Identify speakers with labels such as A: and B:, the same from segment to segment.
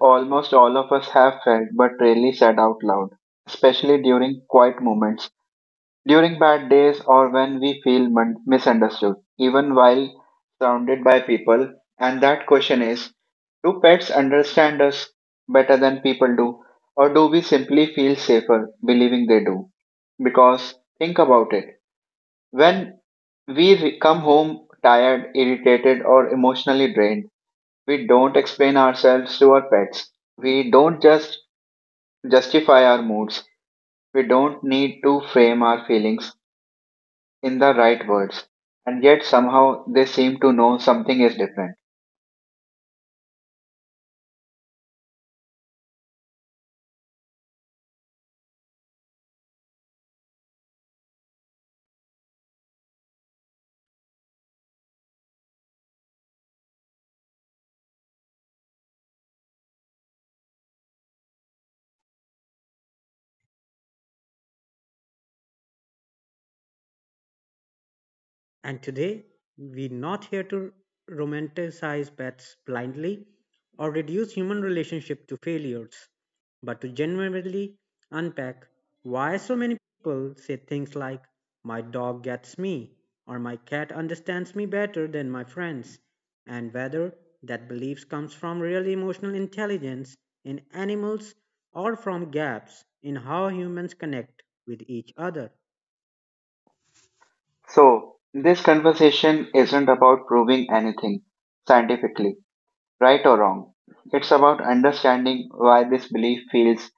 A: almost all of us have felt but rarely said out loud, especially during quiet moments, during bad days, or when we feel misunderstood, even while surrounded by people. And that question is: do pets understand us better than people do, or do we simply feel safer believing they do? Because think about it, when we come home tired, irritated, or emotionally drained, we don't explain ourselves to our pets. We don't just justify our moods. We don't need to frame our feelings in the right words. And yet somehow they seem to know something is different.
B: And today, we're not here to romanticize pets blindly or reduce human relationship to failures, but to genuinely unpack why so many people say things like, My dog gets me, or My cat understands me better than my friends, and whether that belief comes from real emotional intelligence in animals or from gaps in how humans connect with each other.
A: So this conversation isn't about proving anything scientifically, right or wrong. It's about understanding why this belief feels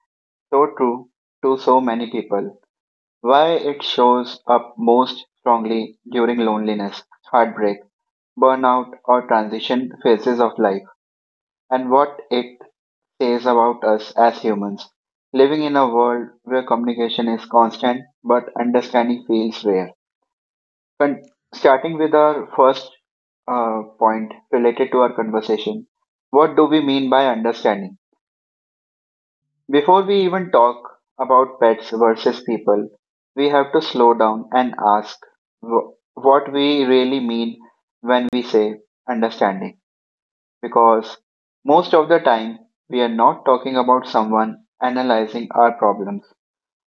A: so true to so many people, why it shows up most strongly during loneliness, heartbreak, burnout, or transition phases of life, and what it says about us as humans living in a world where communication is constant but understanding feels rare. Starting with our first point related to our conversation, what do we mean by understanding? Before we even talk about pets versus people, we have to slow down and ask wh- what we really mean when we say understanding. Because most of the time, we are not talking about someone analyzing our problems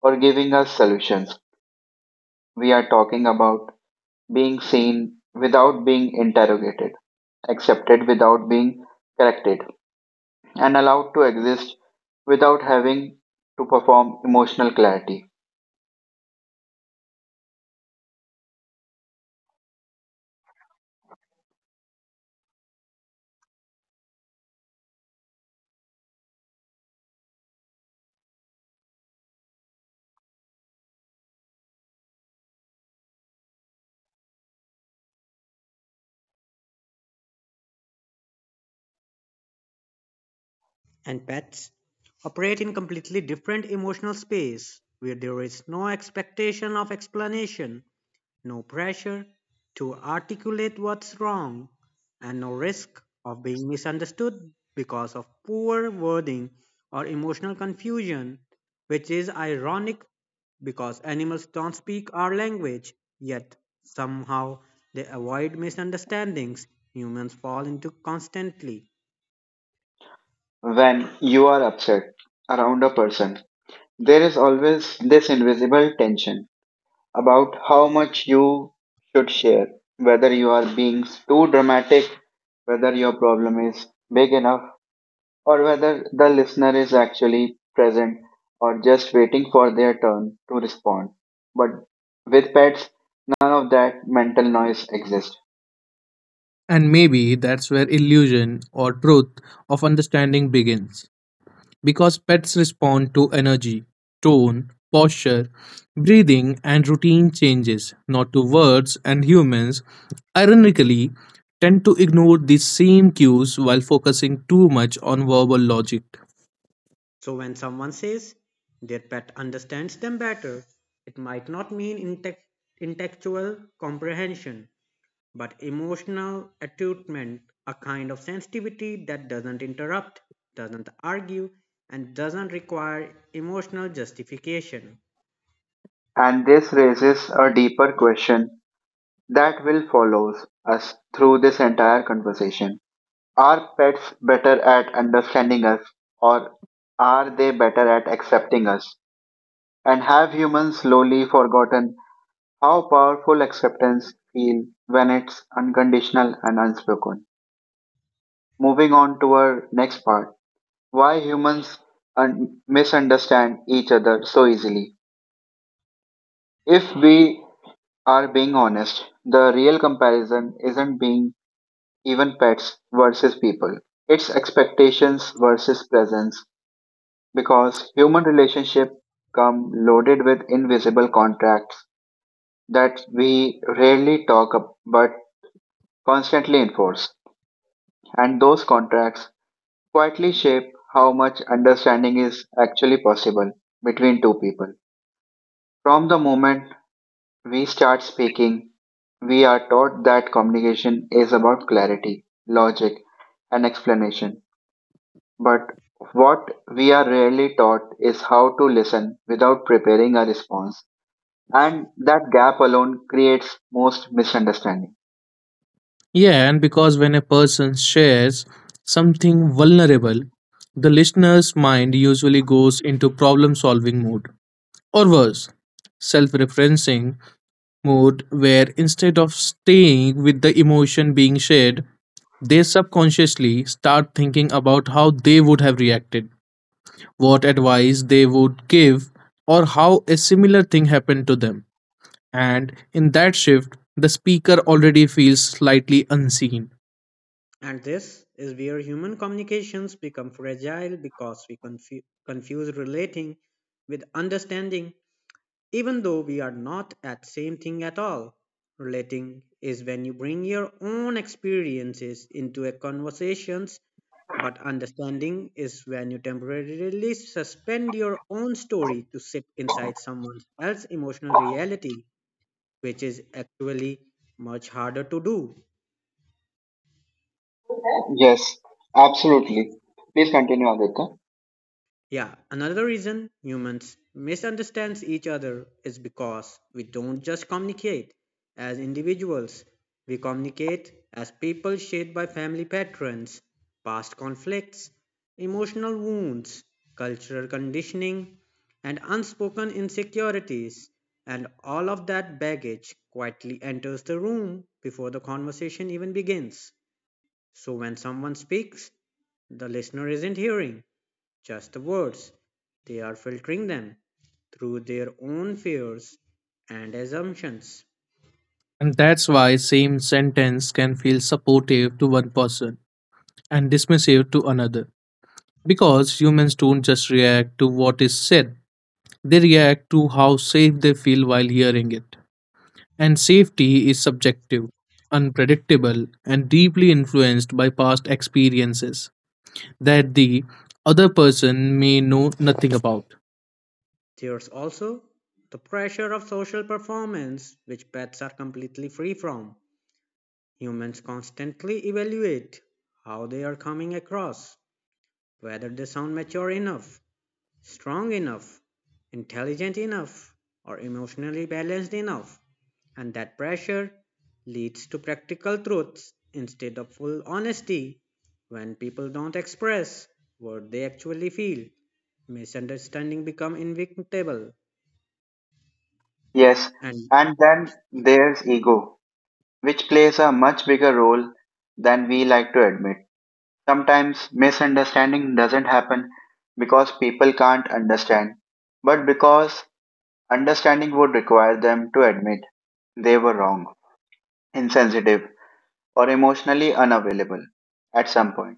A: or giving us solutions. We are talking about being seen without being interrogated, accepted without being corrected, and allowed to exist without having to perform emotional clarity.
B: And pets operate in completely different emotional space where there is no expectation of explanation, no pressure to articulate what's wrong, and no risk of being misunderstood because of poor wording or emotional confusion, which is ironic because animals don't speak our language, yet somehow they avoid misunderstandings humans fall into constantly.
A: When you are upset around a person, there is always this invisible tension about how much you should share, whether you are being too dramatic, whether your problem is big enough, or whether the listener is actually present or just waiting for their turn to respond. But with pets, none of that mental noise exists.
C: And maybe that's where illusion or truth of understanding begins. Because pets respond to energy, tone, posture, breathing, and routine changes, not to words, and humans, ironically, tend to ignore these same cues while focusing too much on verbal logic.
B: So when someone says their pet understands them better, it might not mean intellectual comprehension, but emotional attunement, a kind of sensitivity that doesn't interrupt, doesn't argue, and doesn't require emotional justification.
A: And this raises a deeper question that will follow us through this entire conversation. Are pets better at understanding us, or are they better at accepting us? And have humans slowly forgotten how powerful acceptance feels when it's unconditional and unspoken? Moving on to our next part, why humans misunderstand each other so easily. If we are being honest, the real comparison isn't being even pets versus people. It's expectations versus presence, because human relationships come loaded with invisible contracts that we rarely talk about but constantly enforce. And those contracts quietly shape how much understanding is actually possible between two people. From the moment we start speaking, we are taught that communication is about clarity, logic, and explanation. But what we are rarely taught is how to listen without preparing a response. And that gap alone creates most misunderstanding.
C: Yeah, and because when a person shares something vulnerable, the listener's mind usually goes into problem solving mode or worse, self referencing mode, where instead of staying with the emotion being shared, they subconsciously start thinking about how they would have reacted, what advice they would give, or how a similar thing happened to them. And in that shift, the speaker already feels slightly unseen.
B: And this is where human communications become fragile because we confuse relating with understanding even though we are not at same thing at all. Relating is when you bring your own experiences into a conversations, but understanding is when you temporarily suspend your own story to sit inside someone else's emotional reality, which is actually much harder to do.
A: Yes, absolutely. Please continue, Aditya.
B: Yeah, another reason humans misunderstand each other is because we don't just communicate as individuals, we communicate as people shaped by family patterns, past conflicts, emotional wounds, cultural conditioning, and unspoken insecurities. And all of that baggage quietly enters the room before the conversation even begins. So when someone speaks, the listener isn't hearing just the words. They are filtering them through their own fears and assumptions.
C: And that's why same sentence can feel supportive to one person and dismissive to another because humans don't just react to what is said. They react to how safe they feel while hearing it. And safety is subjective, unpredictable, and deeply influenced by past experiences that the other person may know nothing about.
B: There's also the pressure of social performance, which pets are completely free from. Humans constantly evaluate how they are coming across, whether they sound mature enough, strong enough, intelligent enough, or emotionally balanced enough. And that pressure leads to practical truths instead of full honesty. When people don't express what they actually feel, misunderstanding become inevitable.
A: Yes,
B: And
A: and then there's ego, which plays a much bigger role than we like to admit. Sometimes misunderstanding doesn't happen because people can't understand, but because understanding would require them to admit they were wrong, insensitive, or emotionally unavailable at some point.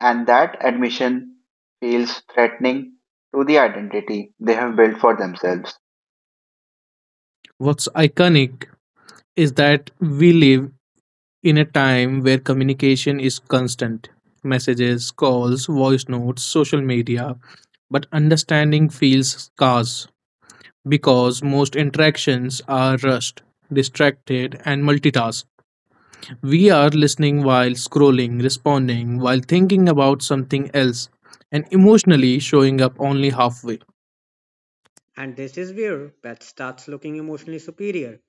A: And that admission feels threatening to the identity they have built for themselves.
C: What's iconic is that we live in a time where communication is constant messages, calls, voice notes, social media, but understanding feels scarce because most interactions are rushed, distracted, and multitasked. We are listening while scrolling, responding while thinking about something else, and emotionally showing up only halfway.
B: and this is where pet starts looking emotionally superior,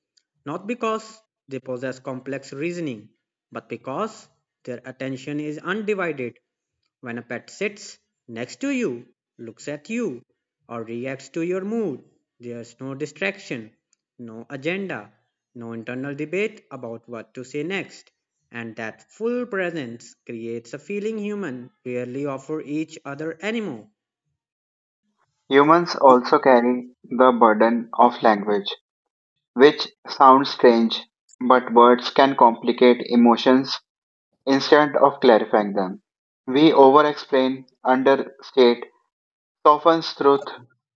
B: not because they possess complex reasoning, but because their attention is undivided. When a pet sits next to you, looks at you, or reacts to your mood, there's no distraction, no agenda, no internal debate about what to say next. And that full presence creates a feeling human rarely offer each other anymore.
A: Humans also carry the burden of language, which sounds strange, but words can complicate emotions instead of clarifying them. We over explain, understate, softens truth,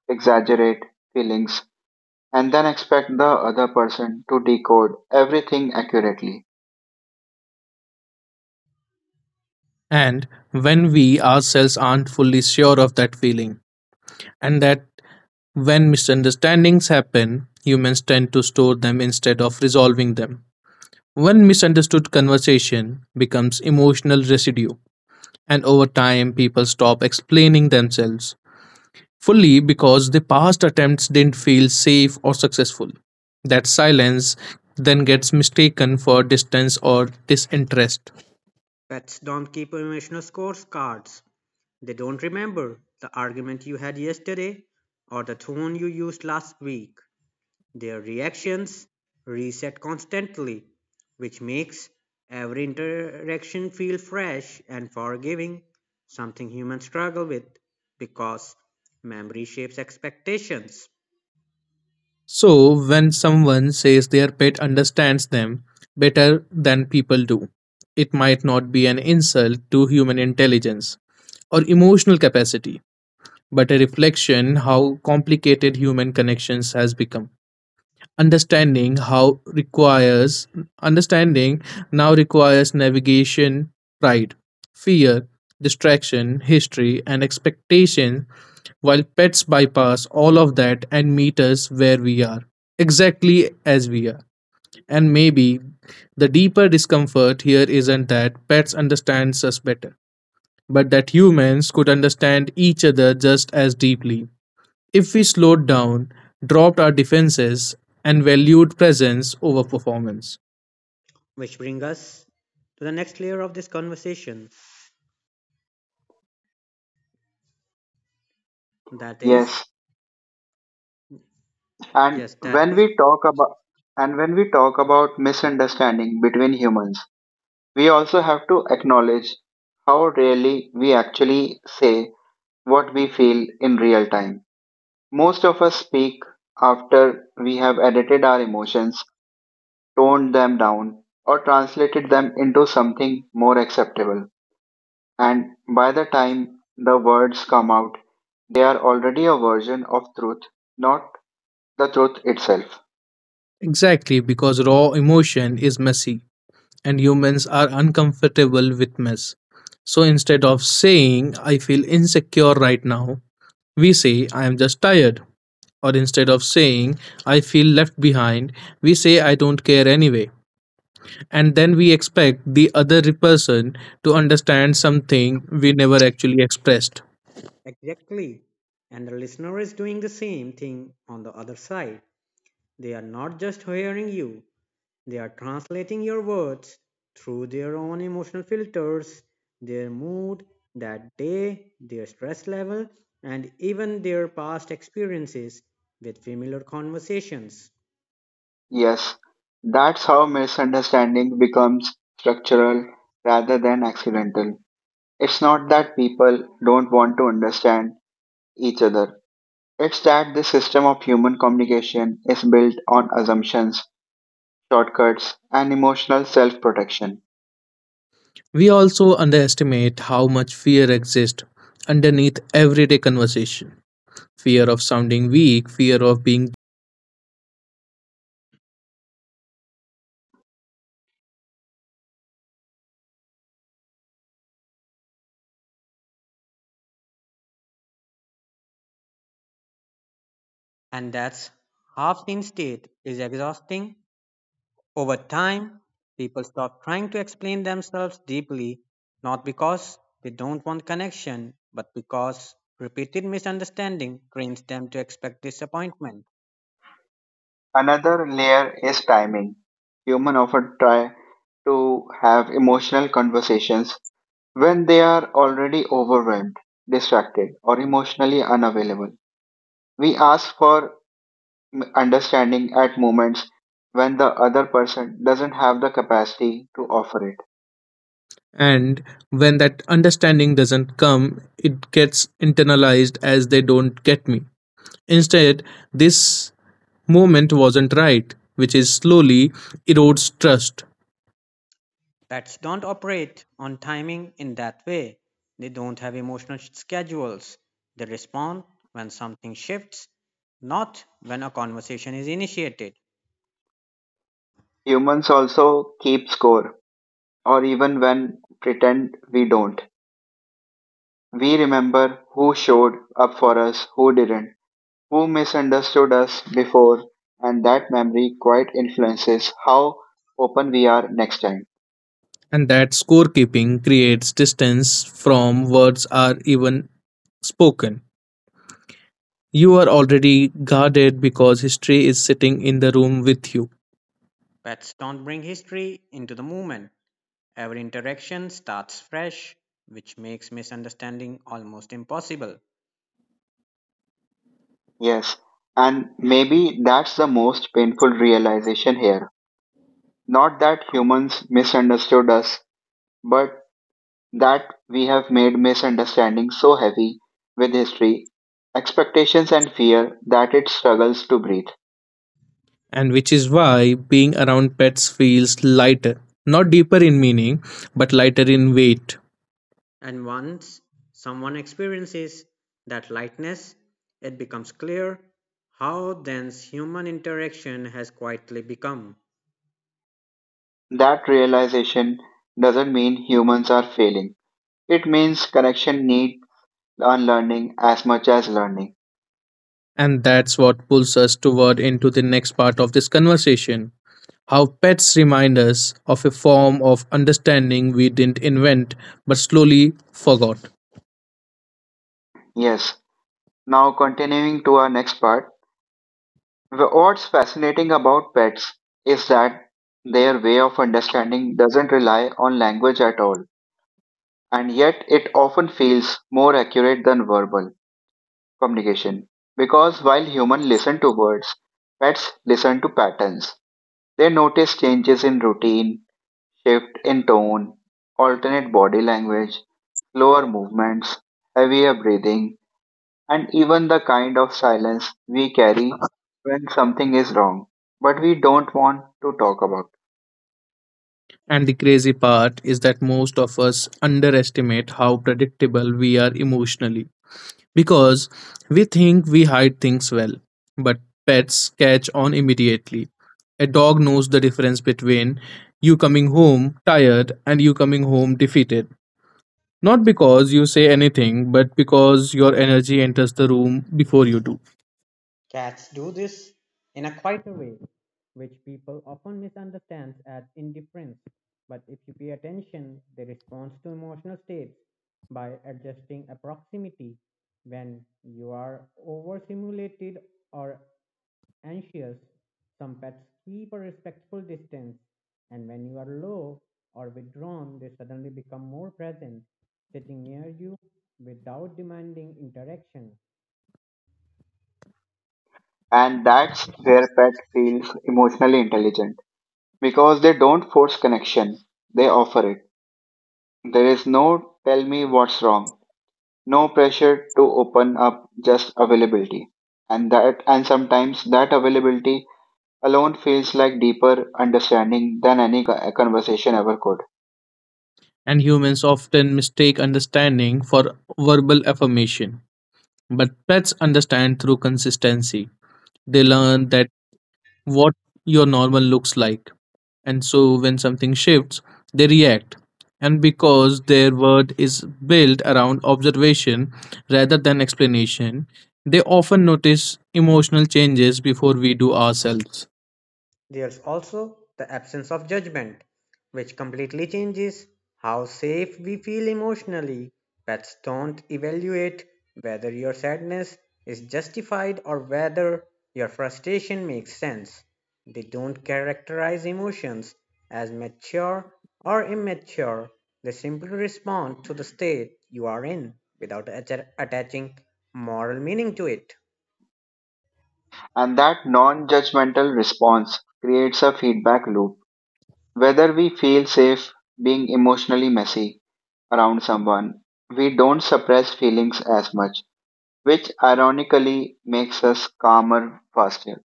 A: exaggerate feelings, and then expect the other person to decode everything accurately.
C: And when we ourselves aren't fully sure of that feeling, and that when misunderstandings happen, humans tend to store them instead of resolving them. One misunderstood conversation becomes emotional residue, and over time, people stop explaining themselves fully because the past attempts didn't feel safe or successful. That silence then gets mistaken for distance or disinterest.
B: Pets don't keep emotional scorecards. They don't remember the argument you had yesterday or the tone you used last week. Their reactions reset constantly, which makes every interaction feel fresh and forgiving, something humans struggle with because memory shapes expectations.
C: So, when someone says their pet understands them better than people do, it might not be an insult to human intelligence or emotional capacity, but a reflection how complicated human connections has become. understanding how requires understanding now requires navigation pride fear distraction history and expectation, while pets bypass all of that and meet us where we are exactly as we are. And maybe the deeper discomfort here isn't that pets understands us better, but that humans could understand each other just as deeply if we slowed down, dropped our defenses, and valued presence over performance.
B: Which brings us to the next layer of this conversation. That is,
A: Yes, and
B: yes, that
A: when
B: is
A: we talk about and when we talk about misunderstanding between humans, we also have to acknowledge how rarely we actually say what we feel in real time. Most of us speak after we have edited our emotions, toned them down, or translated them into something more acceptable. And by the time the words come out, they are already a version of truth, not the truth itself.
C: Exactly, because raw emotion is messy and humans are uncomfortable with mess. So instead of saying, I feel insecure right now, we say, I am just tired. Or instead of saying, I feel left behind, we say, I don't care anyway. And then we expect the other person to understand something we never actually expressed.
B: exactly. And the listener is doing the same thing on the other side. They are not just hearing you, they are translating your words through their own emotional filters, their mood that day, their stress level, and even their past experiences with familiar conversations.
A: Yes, that's how misunderstanding becomes structural rather than accidental. It's not that people don't want to understand each other. It's that the system of human communication is built on assumptions, shortcuts, and emotional self protection.
C: We also underestimate how much fear exists underneath everyday conversation fear of sounding weak, fear of being,
B: And that's half in state is exhausting. Over time, people stop trying to explain themselves deeply, not because they don't want connection, but because repeated misunderstanding trains them to expect disappointment.
A: Another layer is timing. Humans often try to have emotional conversations when they are already overwhelmed, distracted, or emotionally unavailable. We ask for understanding at moments when the other person doesn't have the capacity to offer it.
C: and when that understanding doesn't come it gets internalized as they don't get me instead this moment wasn't right, which is slowly erodes trust,
B: Pets don't operate on timing in that way. They don't have emotional schedules. They respond when something shifts, not when a conversation is initiated.
A: Humans also keep score, or even when pretend we don't. We remember who showed up for us, who didn't, who misunderstood us before, and that memory quite influences how open we are next time.
C: and that scorekeeping creates distance from words are even spoken you are already guarded because history is sitting in the room with you.
B: Pets don't bring history into the movement. Every interaction starts fresh, which makes misunderstanding almost impossible.
A: Yes, and maybe that's the most painful realization here. Not that humans misunderstood us, but that we have made misunderstanding so heavy with history, expectations, and fear that it struggles to breathe.
C: And which is why being around pets feels lighter, not deeper in meaning but lighter in weight.
B: And once someone experiences that lightness, it becomes clear how dense human interaction has quietly become.
A: That realization doesn't mean humans are failing. It means connection need unlearning as much as learning.
C: And that's what pulls us toward into the next part of this conversation. How pets remind us of a form of understanding we didn't invent but slowly forgot.
A: Yes. Now, continuing to our next part, what's fascinating about pets is that their way of understanding doesn't rely on language at all, and yet it often feels more accurate than verbal communication. Because while humans listen to words, pets listen to patterns. They notice changes in routine, shift in tone, alternate body language, slower movements, heavier breathing, and even the kind of silence we carry when something is wrong, but we don't want to talk about.
C: And the crazy part is that most of us underestimate how predictable we are emotionally because we think we hide things well, but pets catch on immediately. A dog knows the difference between you coming home tired and you coming home defeated. Not because you say anything, but because your energy enters the room before you do.
B: Cats do this in a quieter way, which people often misunderstand as indifference. But if you pay attention, they respond to emotional states by adjusting a proximity. When you are overstimulated or anxious, some pets keep a respectful distance, and when you are low or withdrawn, they suddenly become more present, sitting near you without demanding interaction.
A: And that's where pet feels emotionally intelligent, because they don't force connection, they offer it. There is no "tell me what's wrong," no pressure to open up, just availability. And sometimes that availability alone feels like deeper understanding than any conversation ever could.
C: And humans often mistake understanding for verbal affirmation. But pets understand through consistency. They learn that what your normal looks like. And so when something shifts, they react. And because their word is built around observation rather than explanation, they often notice emotional changes before we do ourselves.
B: There's also the absence of judgment, which completely changes how safe we feel emotionally. Pets don't evaluate whether your sadness is justified or whether your frustration makes sense. They don't characterize emotions as mature or immature. They simply respond to the state you are in without attaching moral meaning to it.
A: And that non judgmental response creates a feedback loop. Whether we feel safe being emotionally messy around someone, we don't suppress feelings as much, which ironically makes us calmer faster.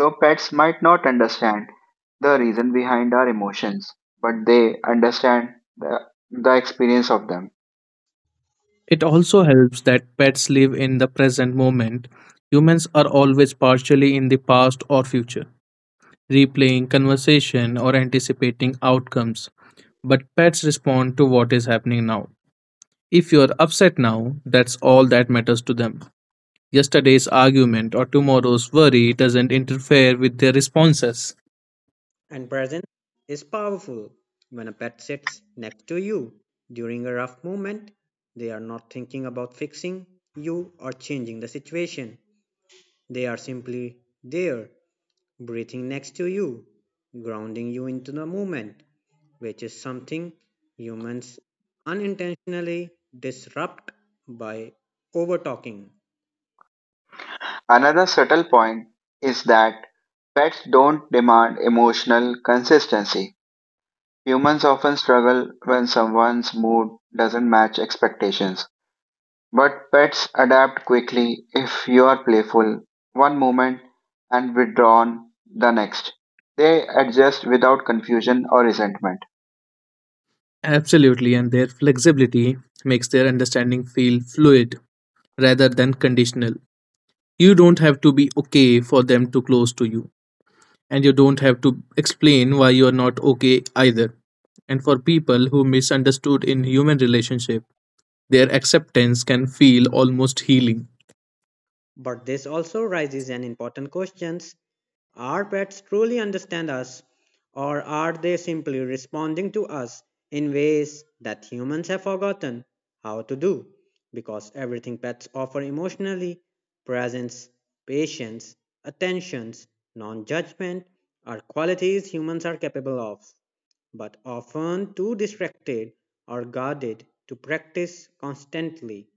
A: So pets might not understand the reason behind our emotions, but they understand the, experience of them.
C: It also helps that pets live in the present moment. Humans are always partially in the past or future, replaying conversation or anticipating outcomes. But pets respond to what is happening now. If you're upset now, that's all that matters to them. Yesterday's argument or tomorrow's worry doesn't interfere with their responses.
B: And presence is powerful. When a pet sits next to you during a rough moment, they are not thinking about fixing you or changing the situation. They are simply there, breathing next to you, grounding you into the moment, which is something humans unintentionally disrupt by over talking.
A: Another subtle point is that pets don't demand emotional consistency. Humans often struggle when someone's mood doesn't match expectations, but pets adapt quickly. If you are playful one moment and withdrawn the next, they adjust without confusion or resentment.
C: Absolutely, and their flexibility makes their understanding feel fluid rather than conditional. You don't have to be okay for them to close to you, and you don't have to explain why you're not okay either. And for people who misunderstood in human relationship, their acceptance can feel almost healing.
B: But this also raises an important questions. Are pets truly understand us, or are they simply responding to us in ways that humans have forgotten how to do? Because everything pets offer emotionally presence, patience, attentions, non judgment are qualities humans are capable of, but often too distracted or guarded to practice constantly.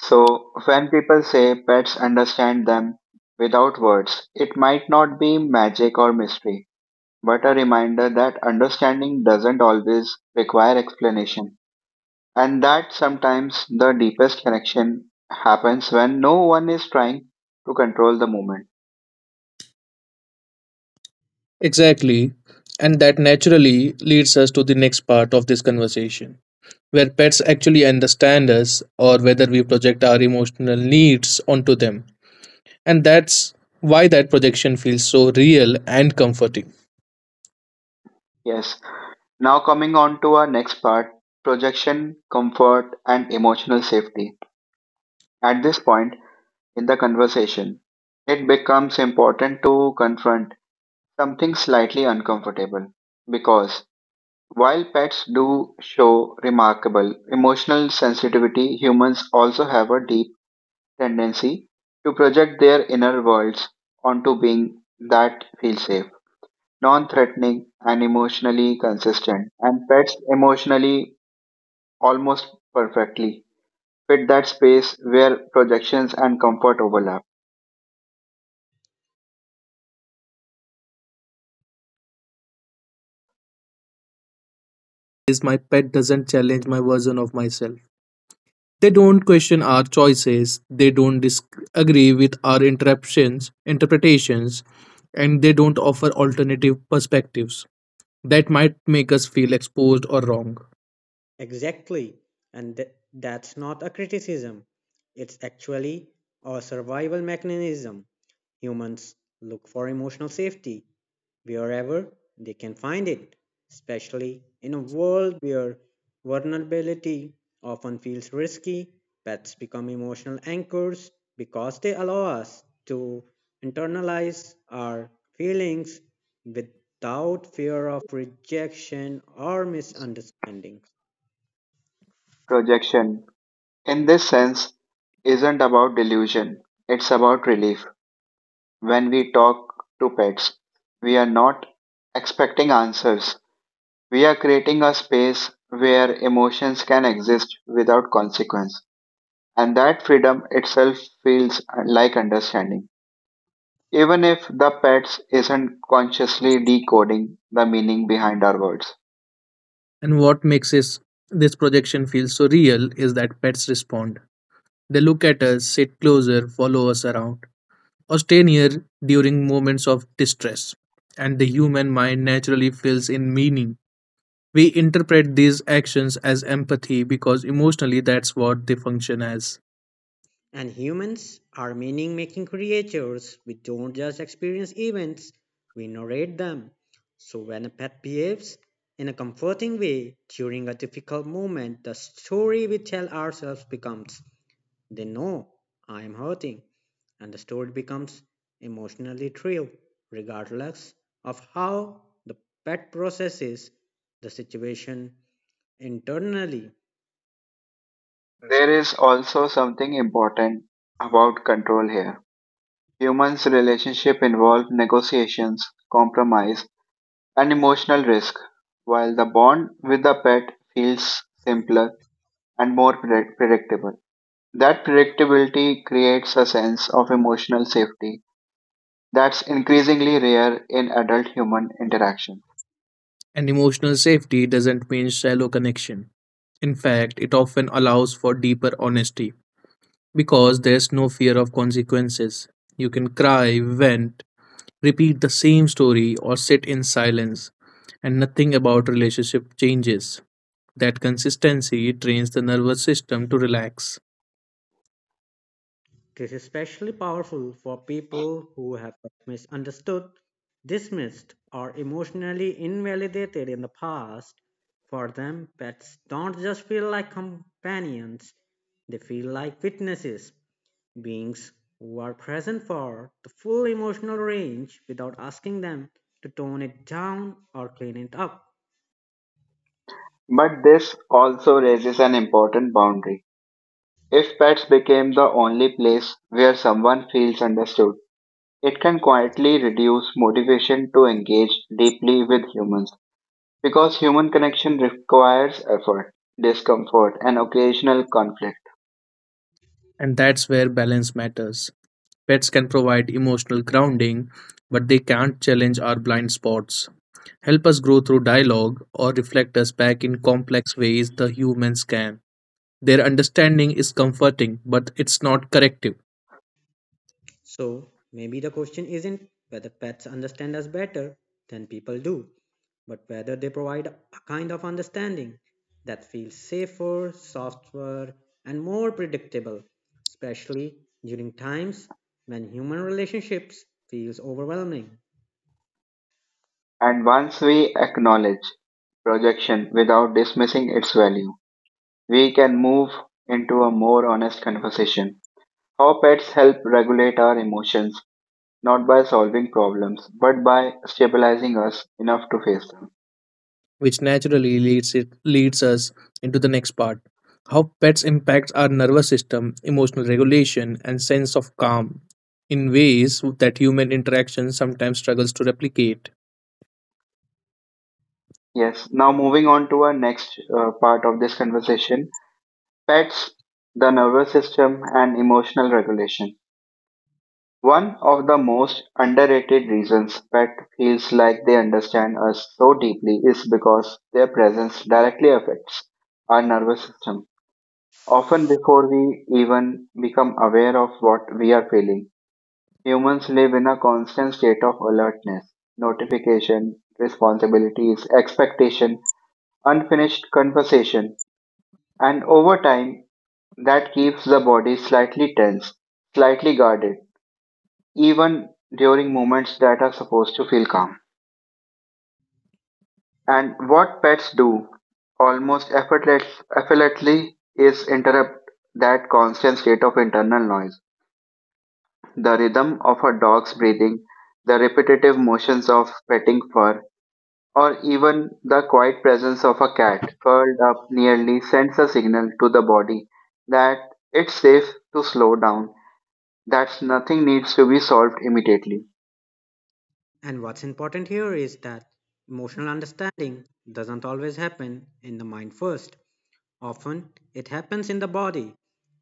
A: So when people say pets understand them without words, it might not be magic or mystery, but a reminder that understanding doesn't always require explanation, and that sometimes the deepest connection happens when no one is trying to control the moment.
C: Exactly. And that naturally leads us to the next part of this conversation, where pets actually understand us or whether we project our emotional needs onto them. And that's why that projection feels so real and comforting.
A: Yes. Now, coming on to our next part: projection, comfort, and emotional safety. At this point in the conversation, it becomes important to confront something slightly uncomfortable, because while pets do show remarkable emotional sensitivity, humans also have a deep tendency to project their inner worlds onto being that feel safe, non threatening, and emotionally consistent. And pets emotionally almost perfectly fit that space where projections and comfort overlap.
C: Is my pet doesn't challenge my version of myself. They don't question our choices, they don't disagree with our interpretations, and they don't offer alternative perspectives that might make us feel exposed or wrong.
B: Exactly. And that's not a criticism. It's actually a survival mechanism. Humans look for emotional safety wherever they can find it, especially in a world where vulnerability often feels risky. Pets become emotional anchors because they allow us to internalize our feelings without fear of rejection or misunderstanding.
A: Projection, in this sense, isn't about delusion, it's about relief. When we talk to pets, we are not expecting answers. We are creating a space where emotions can exist without consequence, and that freedom itself feels like understanding, even if the pets isn't consciously decoding the meaning behind our words.
C: And what makes this projection feel so real is that pets respond. They look at us, sit closer, follow us around, or stay near during moments of distress. And the human mind naturally fills in meaning. We interpret these actions as empathy because emotionally that's what they function as.
B: And humans are meaning making creatures. We don't just experience events, we narrate them. So when a pet behaves in a comforting way during a difficult moment, the story we tell ourselves becomes they know I am hurting, and the story becomes emotionally true, regardless of how the pet processes the situation internally.
A: There is also something important about control here. Humans' relationship involve negotiations, compromise, and emotional risk, while the bond with the pet feels simpler and more predictable. That predictability creates a sense of emotional safety that's increasingly rare in adult human interaction.
C: And emotional safety doesn't mean shallow connection. In fact, it often allows for deeper honesty because there's no fear of consequences. You can cry, vent, repeat the same story, or sit in silence, and nothing about relationship changes. That consistency trains the nervous system to relax,
B: This is especially powerful for people who have misunderstood, dismissed, or emotionally invalidated in the past. For them, pets don't just feel like companions, they feel like witnesses, beings who are present for the full emotional range without asking them to tone it down or clean it up.
A: But this also raises an important boundary. If pets became the only place where someone feels understood, it can quietly reduce motivation to engage deeply with humans, because human connection requires effort, discomfort, and occasional conflict.
C: and that's where balance matters. Pets can provide emotional grounding, but they can't challenge our blind spots, help us grow through dialogue, or reflect us back in complex ways the humans can. Their understanding is comforting, but it's not corrective,
B: So maybe the question isn't whether pets understand us better than people do, but whether they provide a kind of understanding that feels safer, softer, and more predictable, especially during times when human relationships feels overwhelming.
A: And once we acknowledge projection without dismissing its value, we can move into a more honest conversation: how pets help regulate our emotions, not by solving problems, but by stabilizing us enough to face them.
C: which naturally leads, leads us into the next part how pets impact our nervous system, emotional regulation, and sense of calm in ways that human interaction sometimes struggles to replicate.
A: Yes, now moving on to our next part of this conversation: pets, the nervous system, and emotional regulation. One of the most underrated reasons pet feels like they understand us so deeply is because their presence directly affects our nervous system, often before we even become aware of what we are feeling. Humans live in a constant state of alertness, notification, responsibilities, expectation, unfinished conversation, and over time that keeps the body slightly tense, slightly guarded, even during moments that are supposed to feel calm. And what pets do almost effortlessly is interrupt that constant state of internal noise. The rhythm of a dog's breathing, the repetitive motions of petting fur, or even the quiet presence of a cat curled up nearly sends a signal to the body that it's safe to slow down, that nothing needs to be solved immediately.
B: And what's important here is that emotional understanding doesn't always happen in the mind first. Often it happens in the body.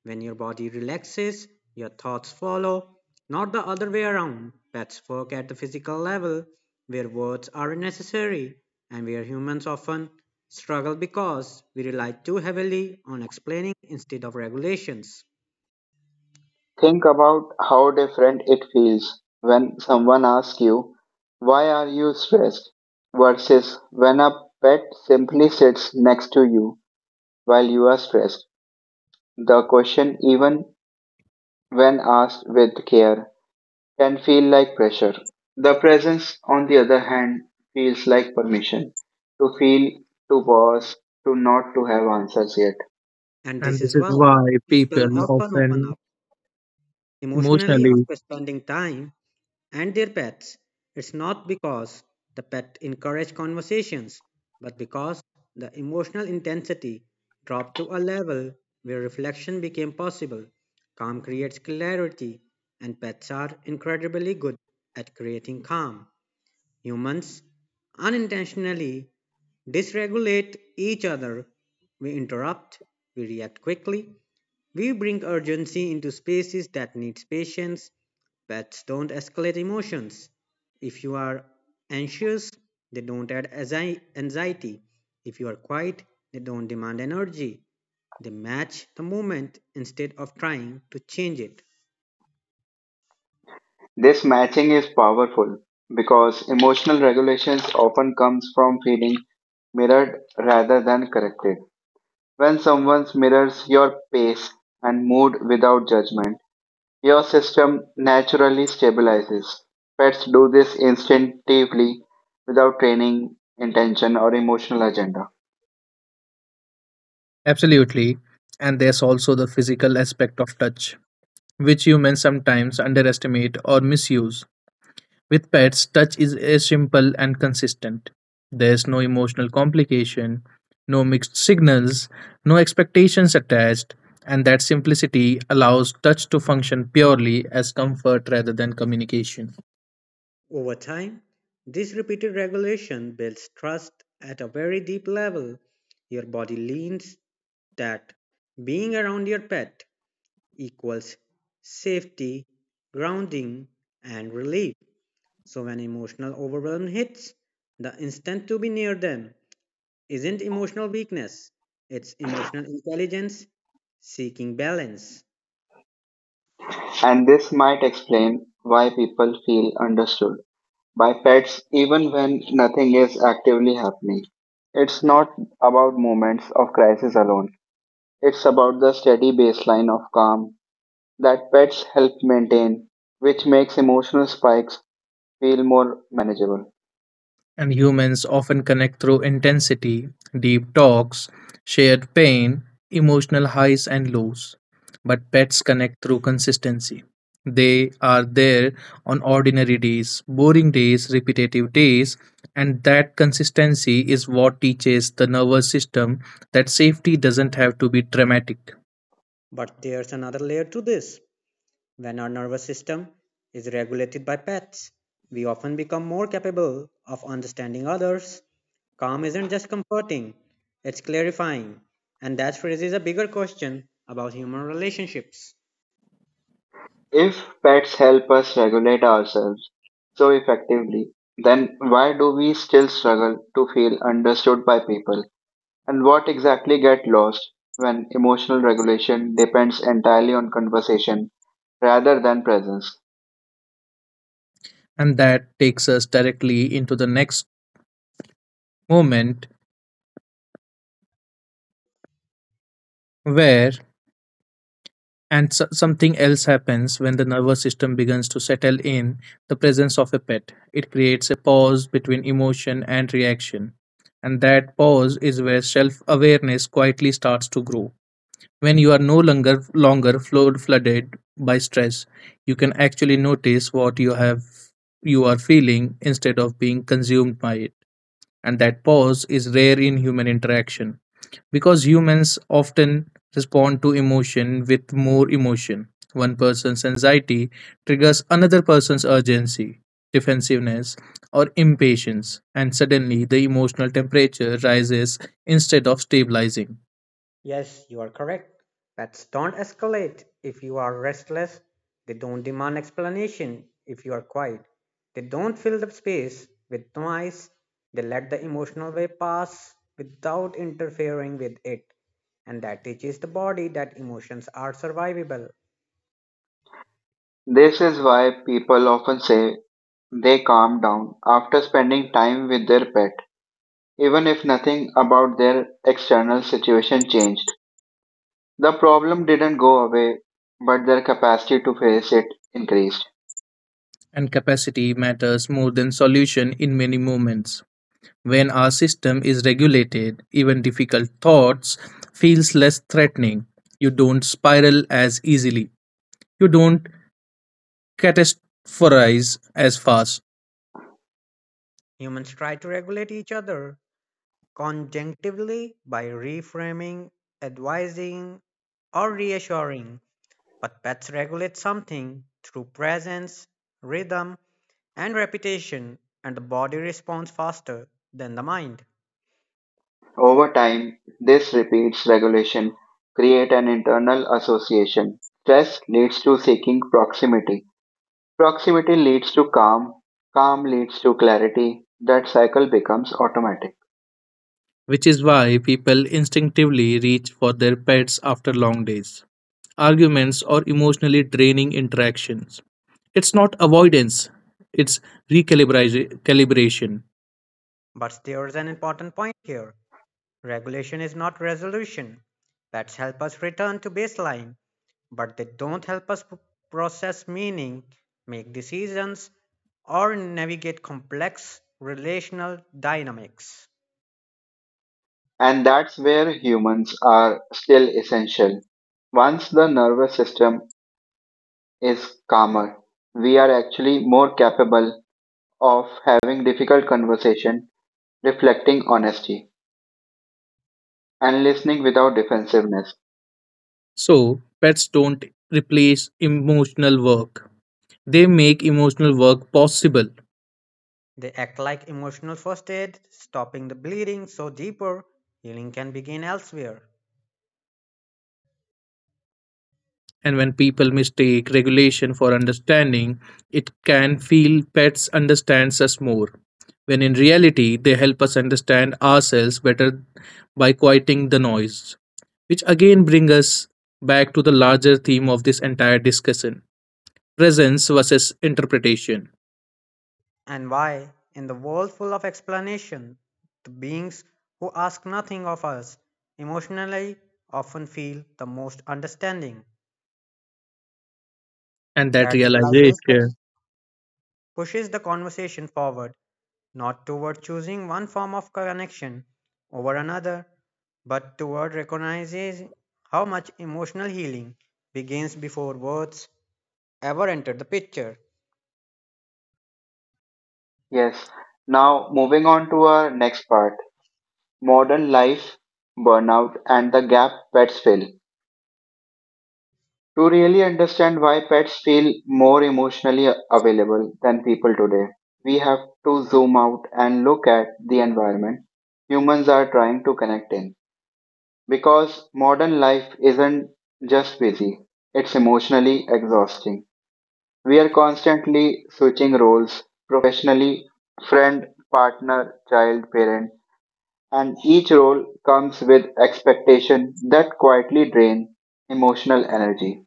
B: When your body relaxes, your thoughts follow, not the other way around. Pets work at the physical level, where words are necessary and where humans often struggle because we rely too heavily on explaining instead of regulations.
A: Think about how different it feels when someone asks you, "Why are you stressed?" versus when a pet simply sits next to you while you are stressed. The question, even when asked with care, can feel like pressure. The presence, on the other hand, feels like permission to feel, to pause, to not to have answers yet.
B: And
C: And
B: this is
C: this is
B: why
C: why
B: people
C: people
B: often open
C: often
B: up emotionally
C: emotionally
B: after spending time and their pets. It's not because the pet encouraged conversations, but because the emotional intensity dropped to a level where reflection became possible. Calm creates clarity, and pets are incredibly good at creating calm. Humans unintentionally dysregulate each other. We interrupt, we react quickly, we bring urgency into spaces that need patience. Pets don't escalate emotions. If you are anxious, they don't add anxiety. If you are quiet, they don't demand energy. They match the moment instead of trying to change it.
A: This matching is powerful because emotional regulations often comes from feeling mirrored rather than corrected. When someone mirrors your pace and mood without judgment, your system naturally stabilizes. Pets do this instinctively, without training, intention, or emotional agenda.
C: Absolutely. And there's also the physical aspect of touch, which humans sometimes underestimate or misuse. With pets, touch is as simple and consistent. There's no emotional complication, no mixed signals, no expectations attached, and that simplicity allows touch to function purely as comfort rather than communication.
B: Over time, this repeated regulation builds trust at a very deep level. Your body leans that being around your pet equals safety, grounding, and relief. So when emotional overwhelm hits, the instinct to be near them isn't emotional weakness, it's emotional intelligence seeking balance.
A: And this might explain why people feel understood by pets even when nothing is actively happening. It's not about moments of crisis alone, it's about the steady baseline of calm that pets help maintain, which makes emotional spikes feel more manageable.
C: And humans often connect through intensity, deep talks, shared pain, emotional highs and lows. But pets connect through consistency. They are there on ordinary days, boring days, repetitive days, and that consistency is what teaches the nervous system that safety doesn't have to be dramatic.
B: But there's another layer to this. When our nervous system is regulated by pets, we often become more capable of understanding others. Calm isn't just comforting, it's clarifying. And that raises a bigger question about human relationships.
A: If pets help us regulate ourselves so effectively, then why do we still struggle to feel understood by people? And what exactly get lost when emotional regulation depends entirely on conversation rather than presence?
C: And that takes us directly into the next moment where something else happens when the nervous system begins to settle in the presence of a pet. It creates a pause between emotion and reaction. And that pause is where self awareness quietly starts to grow. When you are no longer flooded by stress, you can actually notice what you are feeling instead of being consumed by it. And that pause is rare in human interaction because humans often respond to emotion with more emotion. One person's anxiety triggers another person's urgency, defensiveness, or impatience, and suddenly the emotional temperature rises instead of stabilizing.
B: Yes, you are correct. Pets don't escalate if you are restless. They don't demand explanation if you are quiet. They don't fill the space with noise. They let the emotional wave pass without interfering with it. And that teaches the body that emotions are survivable.
A: This is why people often say they calm down after spending time with their pet, even if nothing about their external situation changed. The problem didn't go away, but their capacity to face it increased.
C: And capacity matters more than solution in many moments. When our system is regulated, even difficult thoughts feels less threatening. You don't spiral as easily. You don't catastrophize as fast,
B: Humans try to regulate each other conjunctively by reframing, advising, or reassuring. But pets regulate something through presence, rhythm, and repetition, and the body responds faster than the mind.
A: Over time, this repeats regulation create an internal association. Stress leads to seeking proximity. Proximity leads to calm. Calm leads to clarity. That cycle becomes automatic.
C: which is why people instinctively reach for their pets after long days. Arguments or emotionally draining interactions. It's not avoidance, it's recalibration.
B: But there's an important point here regulation is not resolution. Pets help us return to baseline, but they don't help us process meaning, make decisions, or navigate complex relational dynamics.
A: And that's where humans are still essential. Once the nervous system is calmer, we are actually more capable of having difficult conversation, reflecting honesty, and listening without defensiveness.
C: So, pets don't replace emotional work. They make emotional work possible.
B: They act like emotional first aid, stopping the bleeding so deeper healing can begin elsewhere.
C: And when people mistake regulation for understanding, it can feel pets understands us more. When in reality, they help us understand ourselves better by quieting the noise, which again brings us back to the larger theme of this entire discussion presence versus interpretation.
B: And why, in the world full of explanation, the beings who ask nothing of us emotionally often feel the most understanding?
C: And that
B: That realization
C: realization
B: pushes the conversation forward, not toward choosing one form of connection over another, but toward recognizing how much emotional healing begins before words ever enter the picture.
A: Yes. Now, moving on to our next part, modern life, burnout, and the gap pets fill. To really understand why pets feel more emotionally available than people today, we have to zoom out and look at the environment humans are trying to connect in. Because modern life isn't just busy, it's emotionally exhausting. We are constantly switching roles, professionally, friend, partner, child, parent, and each role comes with expectation that quietly drain emotional energy.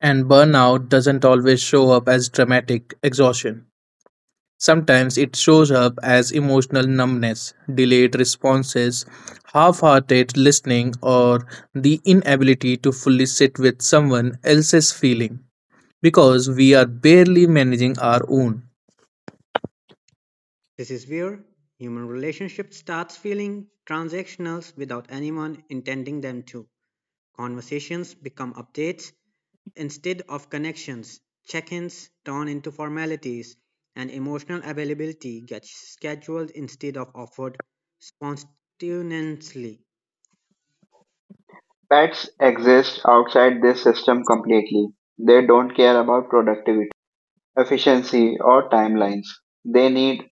C: And burnout doesn't always show up as dramatic exhaustion. Sometimes it shows up as emotional numbness, delayed responses, half hearted listening, or the inability to fully sit with someone else's feeling because we are barely managing our own.
B: This is where human relationship starts feeling transactional without anyone intending them to. Conversations become updates instead of connections. Check-ins turn into formalities, and emotional availability gets scheduled instead of offered spontaneously.
A: Pets exist outside this system completely. They don't care about productivity, efficiency, or timelines. They need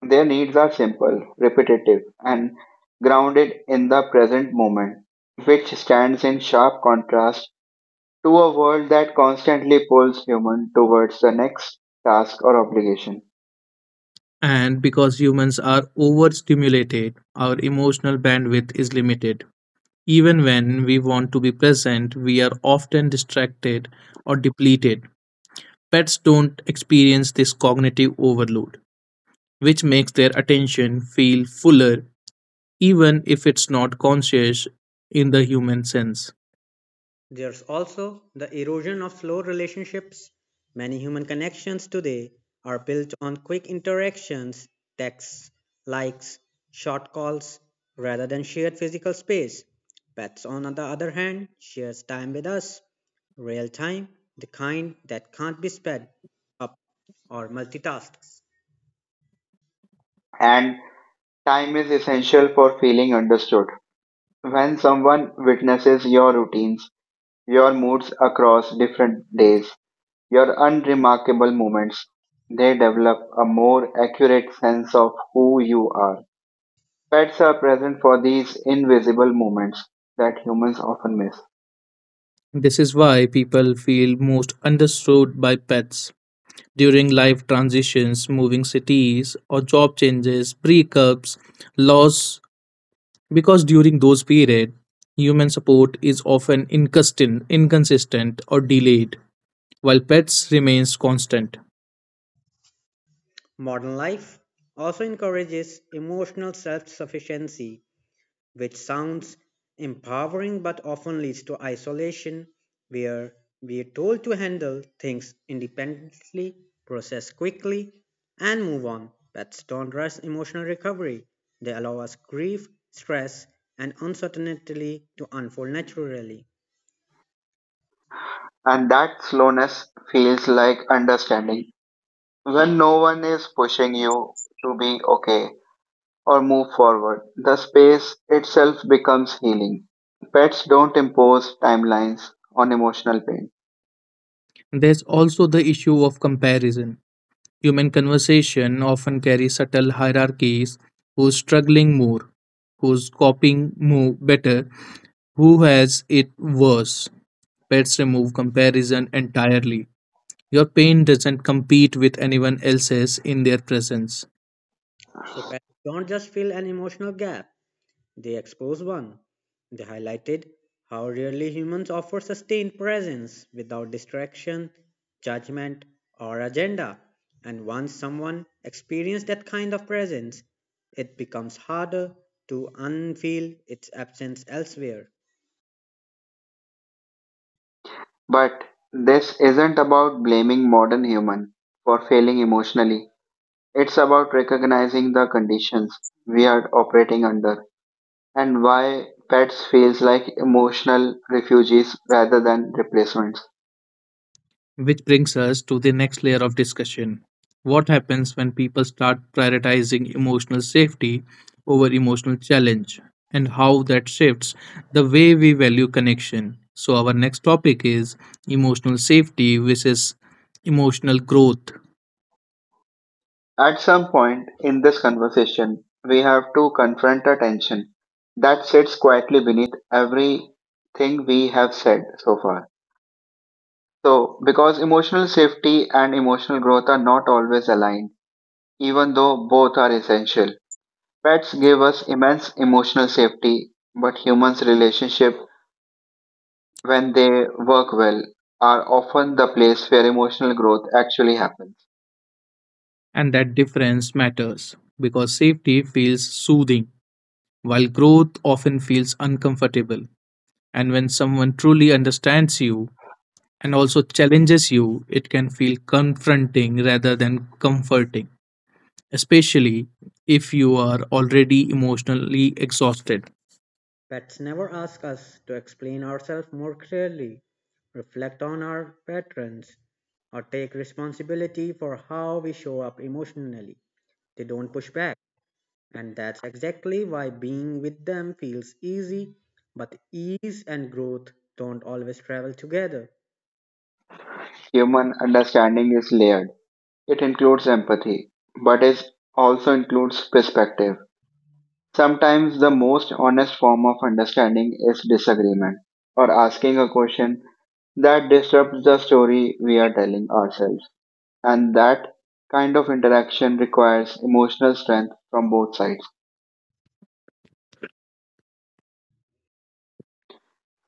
A: their needs are simple, repetitive, and grounded in the present moment, which stands in sharp contrast to a world that constantly pulls human towards the next task or obligation.
C: And because humans are overstimulated, our emotional bandwidth is limited. Even when we want to be present, we are often distracted or depleted. Pets don't experience this cognitive overload, which makes their attention feel fuller even if it's not conscious in the human sense.
B: There's also the erosion of slow relationships. Many human connections today are built on quick interactions, texts, likes, short calls, rather than shared physical space. Pets, on the other hand, shares time with us, real time, the kind that can't be sped up or multitasked.
A: And time is essential for feeling understood. When someone witnesses your routines, your moods across different days, your unremarkable moments, they develop a more accurate sense of who you are. Pets are present for these invisible moments that humans often miss.
C: This is why people feel most understood by pets. During life transitions, moving cities, or job changes, breakups, loss, because during those periods, human support is often inconsistent or delayed, while pets remains constant.
B: Modern life also encourages emotional self sufficiency which sounds empowering but often leads to isolation, where we are told to handle things independently, process quickly, and move on. Pets don't rush emotional recovery. They allow us grief, stress, and uncertainty to unfold naturally.
A: And that slowness feels like understanding. When no one is pushing you to be okay, or move forward. The space itself becomes healing. Pets don't impose timelines on emotional pain.
C: There's also the issue of comparison. Human conversation often carries subtle hierarchies who's struggling more, who's coping more better, who has it worse. Pets remove comparison entirely. Your pain doesn't compete with anyone else's in their presence.
B: So pets don't just fill an emotional gap, they expose one. They highlighted how rarely humans offer sustained presence without distraction, judgment, or agenda. And once someone experiences that kind of presence, it becomes harder to unfeel its absence elsewhere.
A: But this isn't about blaming modern human for failing emotionally. It's about recognizing the conditions we are operating under and why pets feels like emotional refugees rather than replacements.
C: Which brings us to the next layer of discussion. What happens when people start prioritizing emotional safety over emotional challenge, and how that shifts the way we value connection? So, our next topic is emotional safety versus emotional growth,
A: At some point in this conversation, we have to confront a tension that sits quietly beneath everything we have said so far. So, because emotional safety and emotional growth are not always aligned, even though both are essential, pets give us immense emotional safety, but humans' relationship, when they work well, are often the place where emotional growth actually happens.
C: and that difference matters because safety feels soothing, while growth often feels uncomfortable. And when someone truly understands you and also challenges you, it can feel confronting rather than comforting, especially if you are already emotionally exhausted.
B: Pets never ask us to explain ourselves more clearly, reflect on our patterns, or take responsibility for how we show up emotionally. They don't push back, and that's exactly why being with them feels easy. But ease and growth don't always travel together.
A: Human understanding is layered. It includes empathy, but it also includes perspective. Sometimes the most honest form of understanding is disagreement or asking a question that disrupts the story we are telling ourselves. And that kind of interaction requires emotional strength from both sides.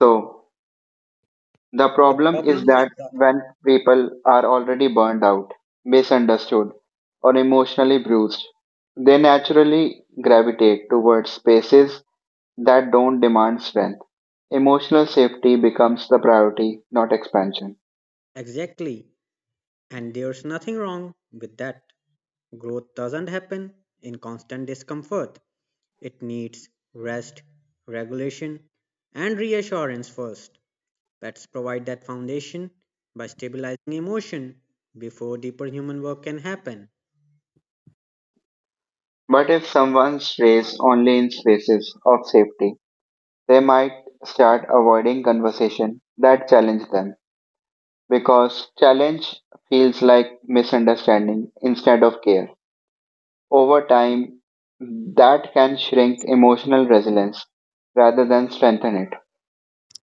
A: So, the
B: The
A: problem is
B: problem is
A: that
B: that
A: when people are already burned out, misunderstood, or emotionally bruised, they naturally gravitate towards spaces that don't demand strength. Emotional safety becomes the priority, not expansion.
B: exactly. And there's nothing wrong with that. Growth doesn't happen in constant discomfort. It needs rest, regulation, and reassurance first. Pets provide that foundation by stabilizing emotion before deeper human work can happen.
A: But if someone stays only in spaces of safety, they might start avoiding conversation that challenge them because challenge feels like misunderstanding instead of care. Over time, that can shrink emotional resilience rather than strengthen it.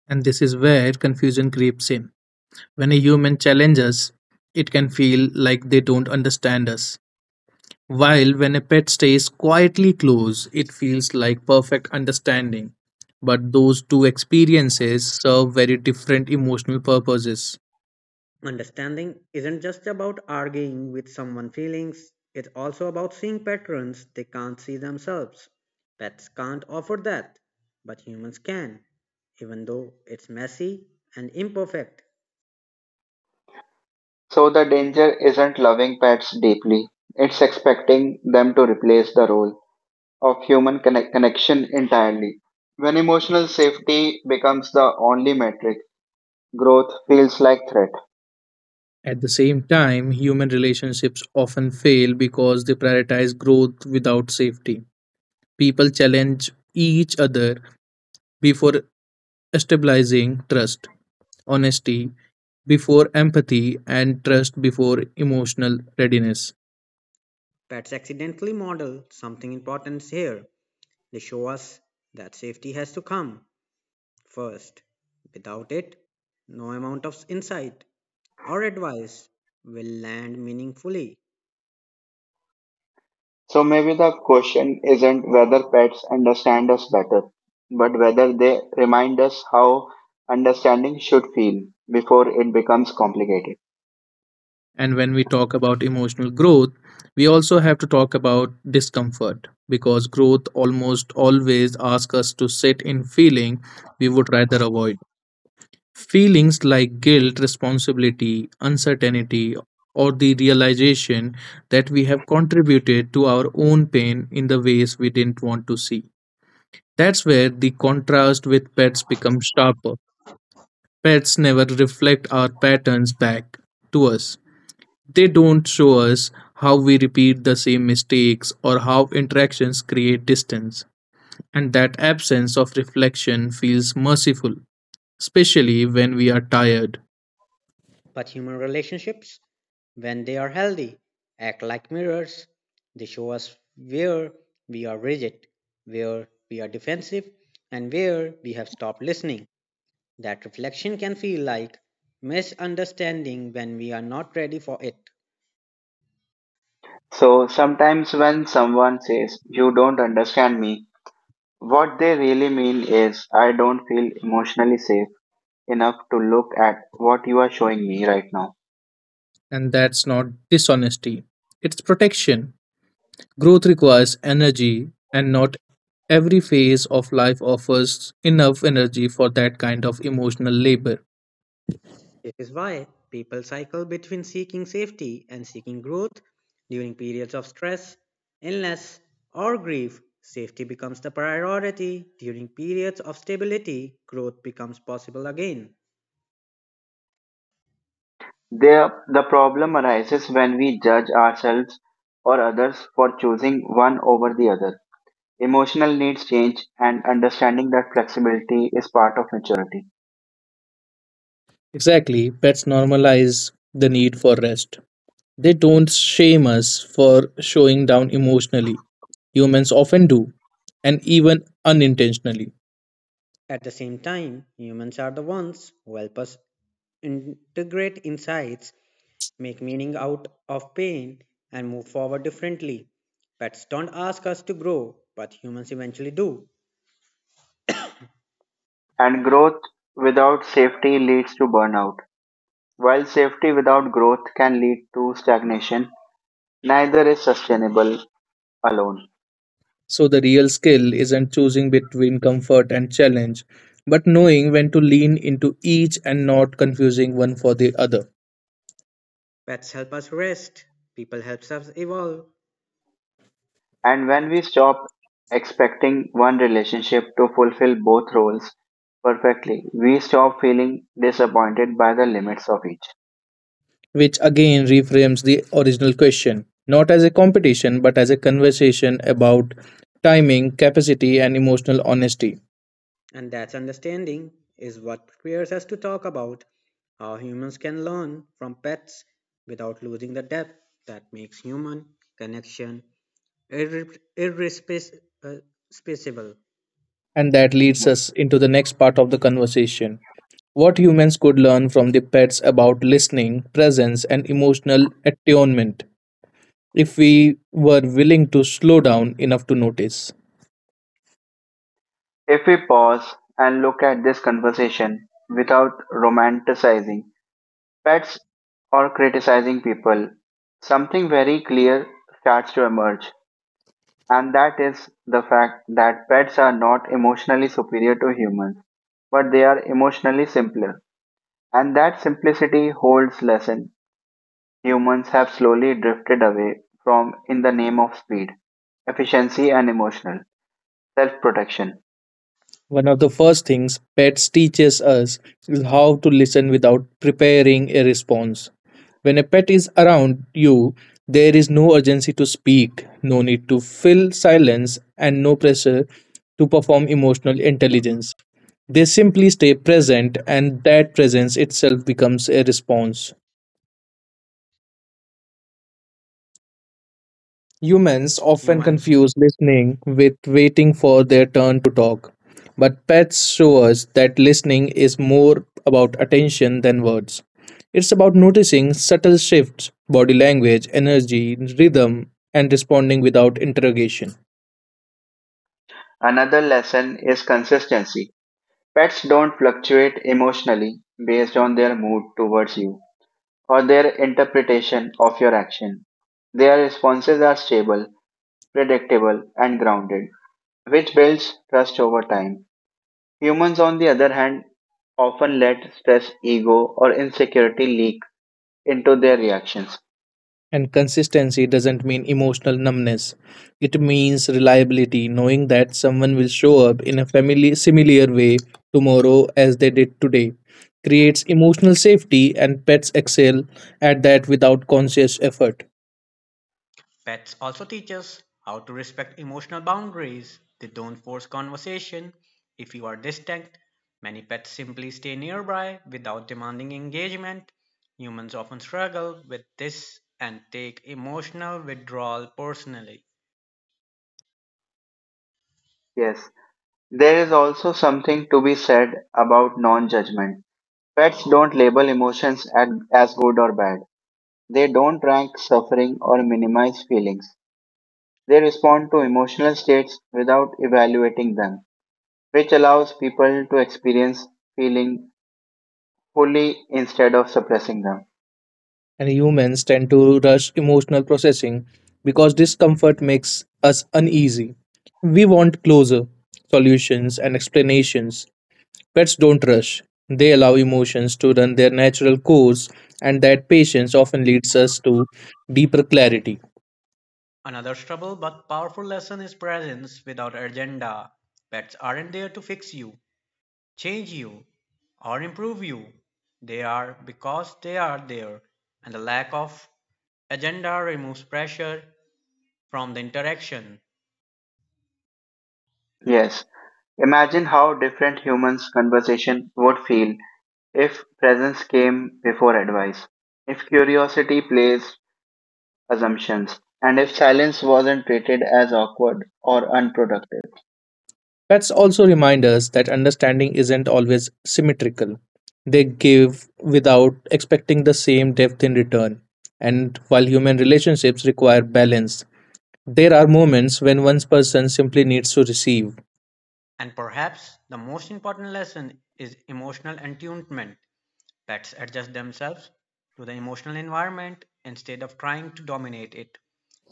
C: And this is where confusion creeps in. When a human challenges, it can feel like they don't understand us, while when a pet stays quietly close, it feels like perfect understanding. But those two experiences serve very different emotional purposes.
B: Understanding isn't just about arguing with someone's feelings, it's also about seeing patterns they can't see themselves. Pets can't offer that, but humans can, even though it's messy and imperfect.
A: So the danger isn't loving pets deeply, it's expecting them to replace the role of human connection entirely. When emotional safety becomes the only metric, growth feels like threat.
C: At the same time, human relationships often fail because they prioritize growth without safety. People challenge each other before stabilizing trust, honesty before empathy, and trust before emotional readiness.
B: Pets accidentally model something important here. They show us that safety has to come first. Without it, no amount of insight or advice will land meaningfully.
A: So maybe the question isn't whether pets understand us better, but whether they remind us how understanding should feel before it becomes complicated.
C: And when we talk about emotional growth, we also have to talk about discomfort, because growth almost always asks us to sit in feeling we would rather avoid. Feelings like guilt, responsibility, uncertainty, or the realization that we have contributed to our own pain in the ways we didn't want to see. That's where the contrast with pets becomes sharper. Pets never reflect our patterns back to us. They don't show us how we repeat the same mistakes or how interactions create distance. And that absence of reflection feels merciful, especially when we are tired.
B: But human relationships, when they are healthy, act like mirrors. They show us where we are rigid, where we are defensive, and where we have stopped listening. That reflection can feel like misunderstanding when we are not ready for it.
A: So sometimes when someone says, "You don't understand me," what they really mean is, "I don't feel emotionally safe enough to look at what you are showing me right now."
C: And that's not dishonesty, it's protection. Growth requires energy, and not every phase of life offers enough energy for that kind of emotional labor.
B: This is why people cycle between seeking safety and seeking growth during periods of stress, illness, or grief. Safety becomes the priority. During periods of stability, growth becomes possible again.
A: There, the problem arises when we judge ourselves or others for choosing one over the other. Emotional needs change, and understanding that flexibility is part of maturity.
C: Exactly, pets normalize the need for rest. They don't shame us for showing down emotionally. Humans often do, and even unintentionally.
B: At the same time, humans are the ones who help us integrate insights, make meaning out of pain, and move forward differently. Pets don't ask us to grow, but humans eventually do.
A: And growth without safety leads to burnout, while safety without growth can lead to stagnation. Neither is sustainable alone.
C: So, the real skill isn't choosing between comfort and challenge, but knowing when to lean into each and not confusing one for the other,
B: Pets help us rest, people help us evolve,
A: And when we stop expecting one relationship to fulfill both roles perfectly, we stop feeling disappointed by the limits of each.
C: which again reframes the original question, not as a competition, but as a conversation about timing, capacity, and emotional honesty.
B: and that understanding is what prepares us to talk about how humans can learn from pets without losing the depth that makes human connection irreplaceable.
C: And that leads us into the next part of the conversation: what humans could learn from the pets about listening, presence, and emotional attunement if we were willing to slow down enough to notice.
A: If we pause and look at this conversation without romanticizing pets or criticizing people, something very clear starts to emerge, and that is the fact that pets are not emotionally superior to humans, but they are emotionally simpler. And that simplicity holds lesson humans have slowly drifted away from in the name of speed, efficiency, and emotional self protection.
C: One of the first things pets teaches us is how to listen without preparing a response. When a pet is around you, there is no urgency to speak, no need to fill silence, and no pressure to perform emotional intelligence. They simply stay present, and that presence itself becomes a response. Humans often
B: Humans
C: confuse listening with waiting for their turn to talk, but pets show us that listening is more about attention than words. It's about noticing subtle shifts, body language, energy, rhythm, and responding without interrogation.
A: Another lesson is consistency. Pets don't fluctuate emotionally based on their mood towards you or their interpretation of your action. Their responses are stable, predictable, and grounded, which builds trust over time. Humans, on the other hand, often let stress, ego, or insecurity leak into their reactions.
C: And consistency doesn't mean emotional numbness. It means reliability, knowing that someone will show up in a family similar way tomorrow as they did today. Creates emotional safety, and pets excel at that without conscious effort.
B: pets also teach us how to respect emotional boundaries. They don't force conversation. If you are distant, many pets simply stay nearby without demanding engagement. Humans often struggle with this and take emotional withdrawal personally.
A: Yes, there is also something to be said about non judgment. Pets don't label emotions at, as good or bad, they don't rank suffering or minimize feelings. They respond to emotional states without evaluating them, which allows people to experience feeling fully instead of suppressing them.
C: And humans tend to rush emotional processing because discomfort makes us uneasy. We want closure, solutions, and explanations. Pets don't rush. They allow emotions to run their natural course, and that patience often leads us to deeper clarity.
B: Another subtle but powerful lesson is presence without agenda. Pets aren't there to fix you, change you, or improve you. They are because they are there, and the lack of agenda removes pressure from the interaction.
A: Yes, imagine how different humans' conversation would feel if presence came before advice. If curiosity plays assumptions, and if silence wasn't treated as awkward or unproductive.
C: Pets also remind us that understanding isn't always symmetrical. They give without expecting the same depth in return. And while human relationships require balance, there are moments when one person simply needs to receive,
B: And perhaps the most important lesson is emotional attunement. Pets adjust themselves to the emotional environment instead of trying to dominate it.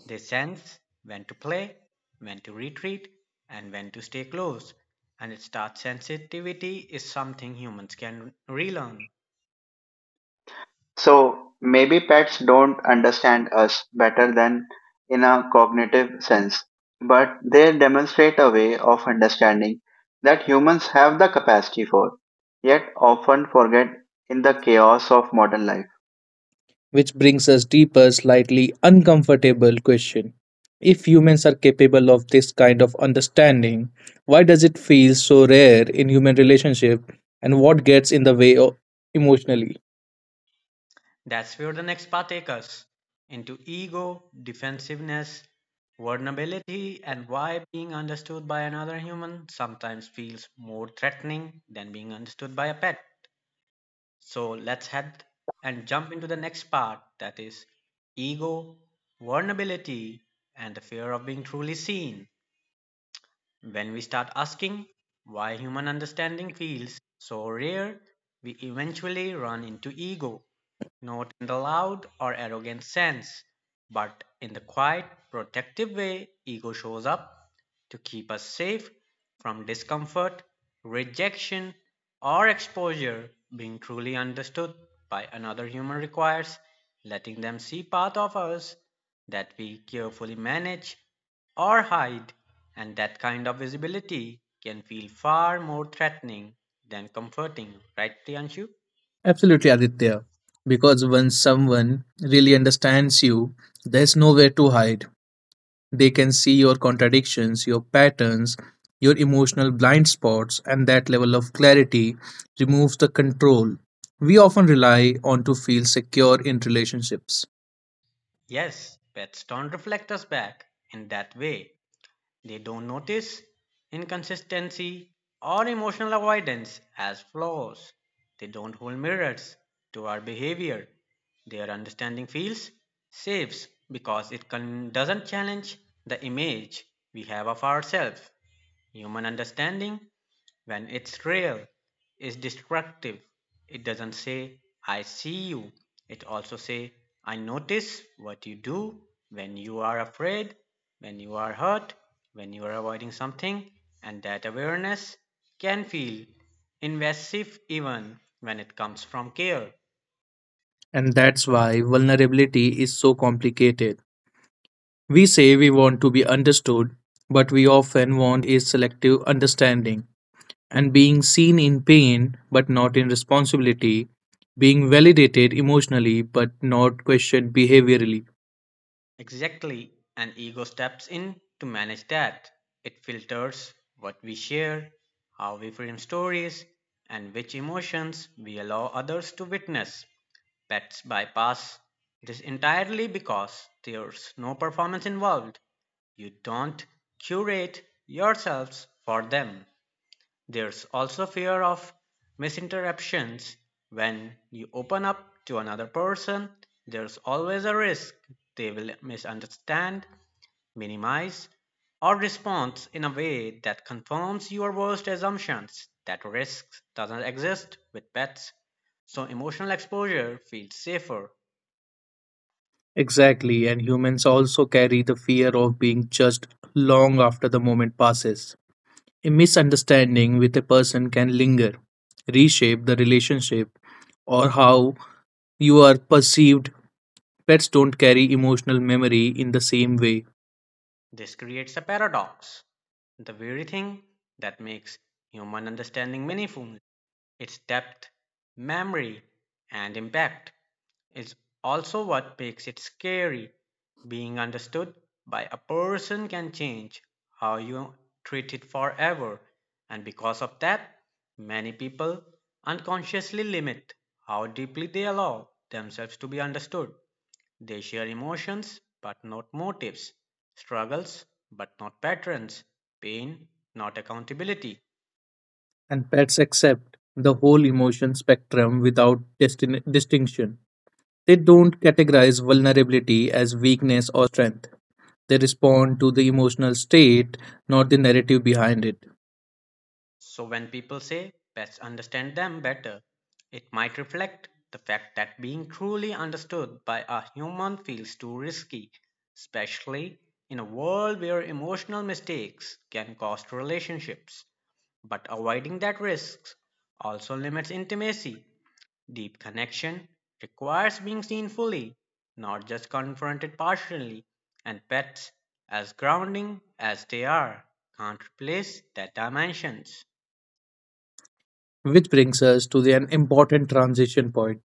B: They sense when to play, when to retreat, and when to stay close. And its touch sensitivity is something humans can relearn.
A: So maybe pets don't understand us better than in a cognitive sense, but they demonstrate a way of understanding that humans have the capacity for, yet often forget in the chaos of modern life.
C: which brings us deeper, slightly uncomfortable question. If humans are capable of this kind of understanding, why does it feel so rare in human relationship, and what gets in the way emotionally?
B: That's where the next part takes us, into ego, defensiveness, vulnerability, and why being understood by another human sometimes feels more threatening than being understood by a pet. So let's head and jump into the next part, that is ego, vulnerability, and the fear of being truly seen. When we start asking why human understanding feels so rare, we eventually run into ego, not in the loud or arrogant sense, but in the quiet, protective way ego shows up to keep us safe from discomfort, rejection, or exposure. Being truly understood by another human requires letting them see part of us that we carefully manage or hide, and that kind of visibility can feel far more threatening than comforting, right, Priyanshu?
C: Absolutely, Aditya. Because once someone really understands you, there's nowhere to hide. They can see your contradictions, your patterns, your emotional blind spots, and that level of clarity removes the control we often rely on to feel secure in relationships.
B: Yes, pets don't reflect us back in that way. They don't notice inconsistency or emotional avoidance as flaws. They don't hold mirrors to our behavior. Their understanding feels safe because it can, doesn't challenge the image we have of ourselves. Human understanding, when it's real, it's destructive. It doesn't say, "I see you." It also say, "I notice what you do when you are afraid, when you are hurt, when you are avoiding something," and that awareness can feel invasive even when it comes from care.
C: And that's why vulnerability is so complicated. We say we want to be understood, but we often want is selective understanding, and being seen in pain but not in responsibility, being validated emotionally but not questioned behaviorally.
B: Exactly. And ego steps in to manage that. It filters what we share, how we frame stories, and which emotions we allow others to witness. Pets bypass this entirely because there's no performance involved. You don't curate yourselves for them. There's also fear of misinterruptions. When you open up to another person, there's always a risk they will misunderstand, minimize, or respond in a way that confirms your worst assumptions. That risk doesn't exist with pets, so emotional exposure feels safer.
C: Exactly, and humans also carry the fear of being judged long after the moment passes. A misunderstanding with a person can linger, reshape the relationship, or how you are perceived. Pets don't carry emotional memory in the same way,
B: This creates a paradox, the very thing that makes human understanding meaningful. Its depth, memory, and impact is also what makes it scary. Being understood by a person can change how you treat it forever, and because of that, many people unconsciously limit how deeply they allow themselves to be understood. They share emotions but not motives, struggles but not patterns, pain not accountability.
C: and pets accept the whole emotion spectrum without distinction. They don't categorize vulnerability as weakness or strength. They respond to the emotional state, not the narrative behind it.
B: So when people say pets understand them better, it might reflect the fact that being truly understood by a human feels too risky, especially in a world where emotional mistakes can cost relationships. But avoiding that risk also limits intimacy. Deep connection requires being seen fully, not just confronted partially, and pets, as grounding as they are, can't replace that dimensions.
C: Which brings us to an important transition point: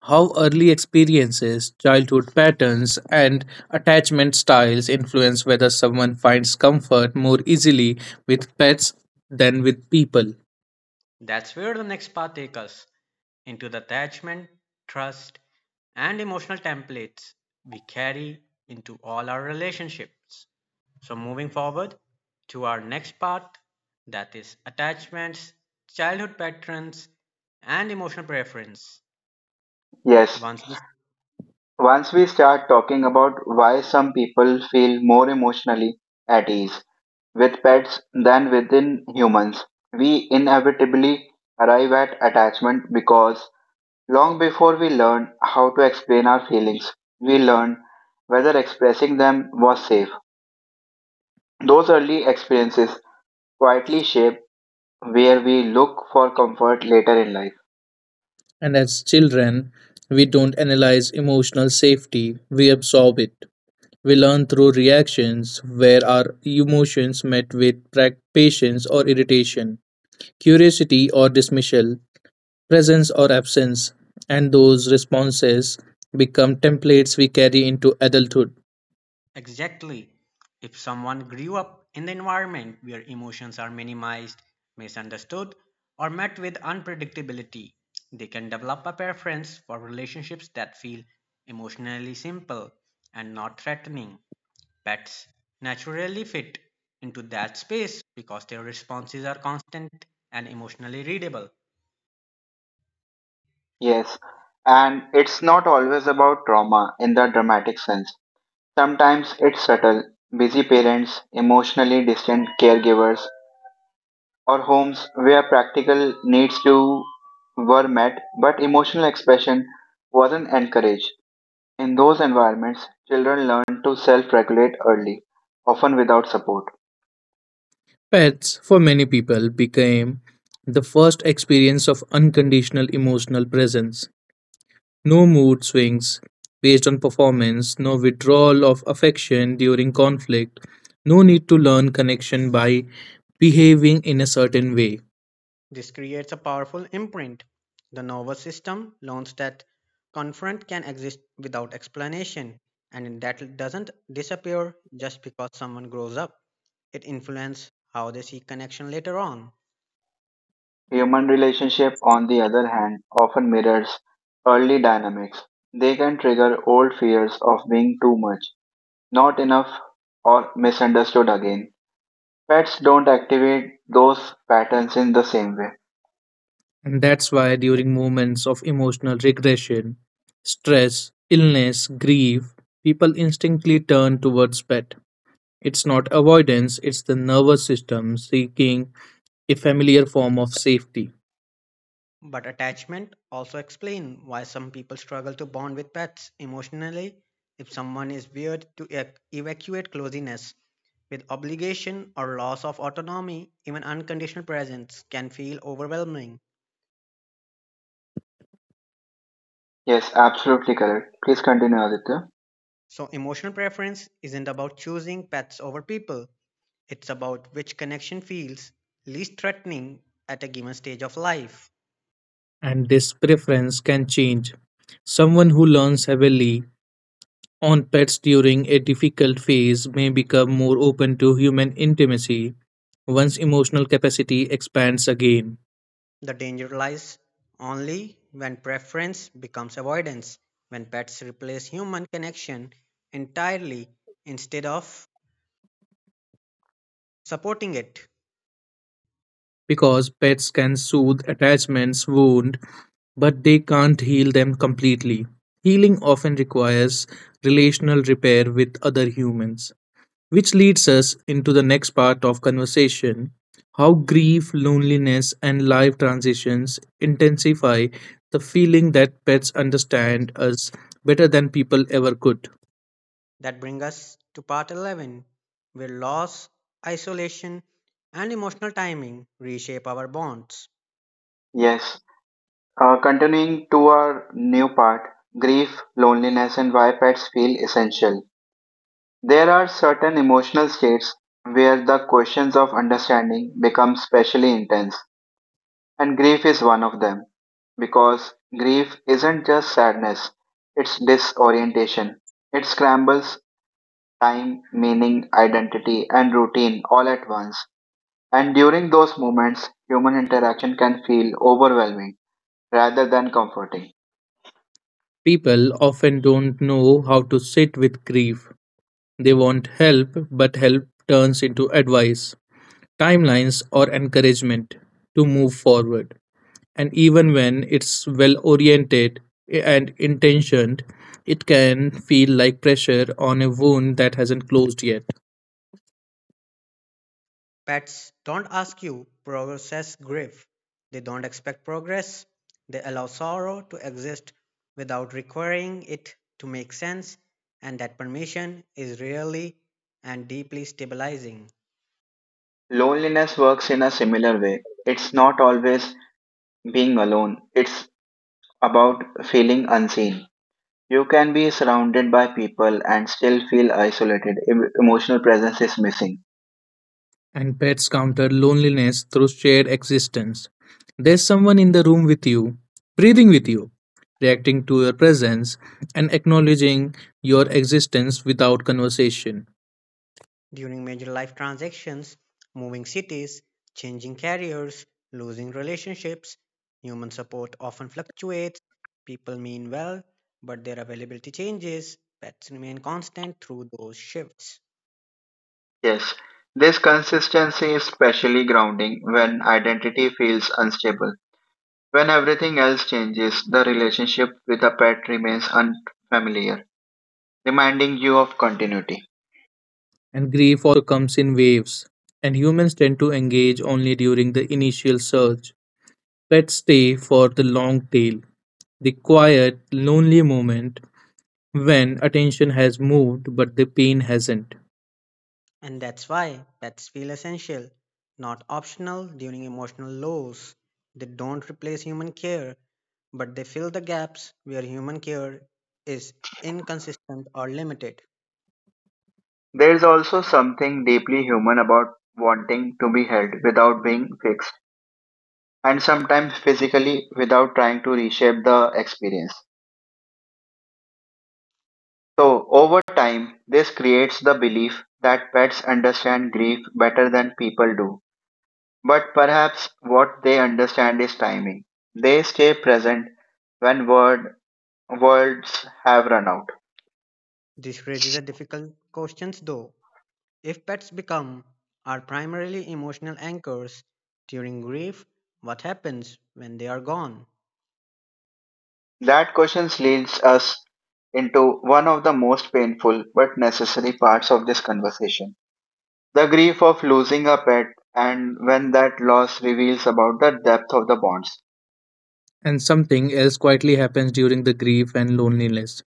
C: how early experiences, childhood patterns, and attachment styles influence whether someone finds comfort more easily with pets than with people.
B: That's where the next path takes us, into the attachment, trust, and emotional templates we carry into all our relationships. So, moving forward to our next part, that is attachments, childhood patterns, and emotional preference.
A: Yes.
B: Once we
A: Once we start talking about why some people feel more emotionally at ease with pets than within humans, we inevitably arrive at attachment because long before we learn how to explain our feelings, we learn whether expressing them was safe. Those early experiences quietly shape where we look for comfort later in life.
C: And as children, we don't analyze emotional safety, we absorb it. We learn through reactions where our emotions met with patience or irritation, curiosity or dismissal, presence or absence, and those responses become templates we carry into adulthood.
B: exactly. If someone grew up in the environment where emotions are minimized, misunderstood, or met with unpredictability, they can develop a preference for relationships that feel emotionally simple and not threatening. Pets naturally fit into that space because their responses are constant and emotionally readable.
A: Yes, and it's not always about trauma in the dramatic sense. Sometimes it's subtle, busy parents, emotionally distant caregivers, or homes where practical needs to were met but emotional expression wasn't encouraged. In those environments, children learn to self regulate early, often without support.
C: Pets, for many people, became the first experience of unconditional emotional presence. No mood swings based on performance, no withdrawal of affection during conflict, no need to learn connection by behaving in a certain way.
B: This creates a powerful imprint. The nervous system learns that confront can exist without explanation, and that doesn't disappear just because someone grows up. It influences how they seek connection later on.
A: Human relationship, on the other hand, often mirrors early dynamics. They can trigger old fears of being too much, not enough, or misunderstood again. Pets don't activate those patterns in the same way.
C: And that's why during moments of emotional regression, stress, illness, grief, people instinctively turn towards pet. It's not avoidance, it's the nervous system seeking a familiar form of safety.
B: But attachment also explains why some people struggle to bond with pets emotionally. If someone is weird to evacuate closeness with obligation or loss of autonomy, even unconditional presence can feel overwhelming.
A: Yes, absolutely correct. Please continue, Aditya.
B: So, emotional preference isn't about choosing pets over people, it's about which connection feels least threatening at a given stage of life.
C: And this preference can change. Someone who learns heavily on pets during a difficult phase may become more open to human intimacy once emotional capacity expands again,
B: The danger lies only when preference becomes avoidance, when pets replace human connection entirely instead of supporting it.
C: because pets can soothe attachments, wound, but they can't heal them completely. Healing often requires relational repair with other humans, which leads us into the next part of conversation: how grief, loneliness, and life transitions intensify the feeling that pets understand us better than people ever could.
B: That brings us to part 11, where loss, isolation, and emotional timing reshape our bonds.
A: Yes. Continuing to our new part, grief, loneliness, and why pets feel essential. There are certain emotional states where the questions of understanding become specially intense, and grief is one of them because grief isn't just sadness, it's disorientation. It scrambles time, meaning, identity, and routine all at once. And during those moments, human interaction can feel overwhelming rather than comforting.
C: People often don't know how to sit with grief. They want help, but help turns into advice, timelines, or encouragement to move forward. And even when it's well oriented and intentioned, it can feel like pressure on a wound that hasn't closed yet.
B: Pets don't ask you process grief. They don't expect progress. They allow sorrow to exist without requiring it to make sense, and that permission is rarely and deeply stabilizing.
A: Loneliness works in a similar way. It's not always being alone, it's about feeling unseen. You can be surrounded by people and still feel isolated if emotional presence is missing.
C: And pets counter loneliness through shared existence. There's someone in the room with you, breathing with you, reacting to your presence, and acknowledging your existence without conversation.
B: During major life transactions, moving cities, changing careers, losing relationships, human support often fluctuates. People mean well, but their availability changes. Pets remain constant through those shifts.
A: Yes, this consistency is especially grounding when identity feels unstable. When everything else changes, the relationship with a pet remains unfamiliar, reminding you of continuity.
C: And grief also comes in waves, and humans tend to engage only during the initial surge. Pets stay for the long tail, the quiet, lonely moment when attention has moved but the pain hasn't.
B: And that's why pets feel essential, not optional during emotional lows. They don't replace human care, but they fill the gaps where human care is inconsistent or limited.
A: There is also something deeply human about wanting to be held without being fixed, and sometimes physically without trying to reshape the experience. So, over time, this creates the belief that pets understand grief better than people do. But perhaps what they understand is timing. They stay present when words have run out.
B: This raises a difficult question though. If pets become our primarily emotional anchors during grief, what happens when they are gone?
A: That question leads us into one of the most painful but necessary parts of this conversation, the grief of losing a pet and when that loss reveals about the depth of the bonds.
C: And something else quietly happens during the grief and loneliness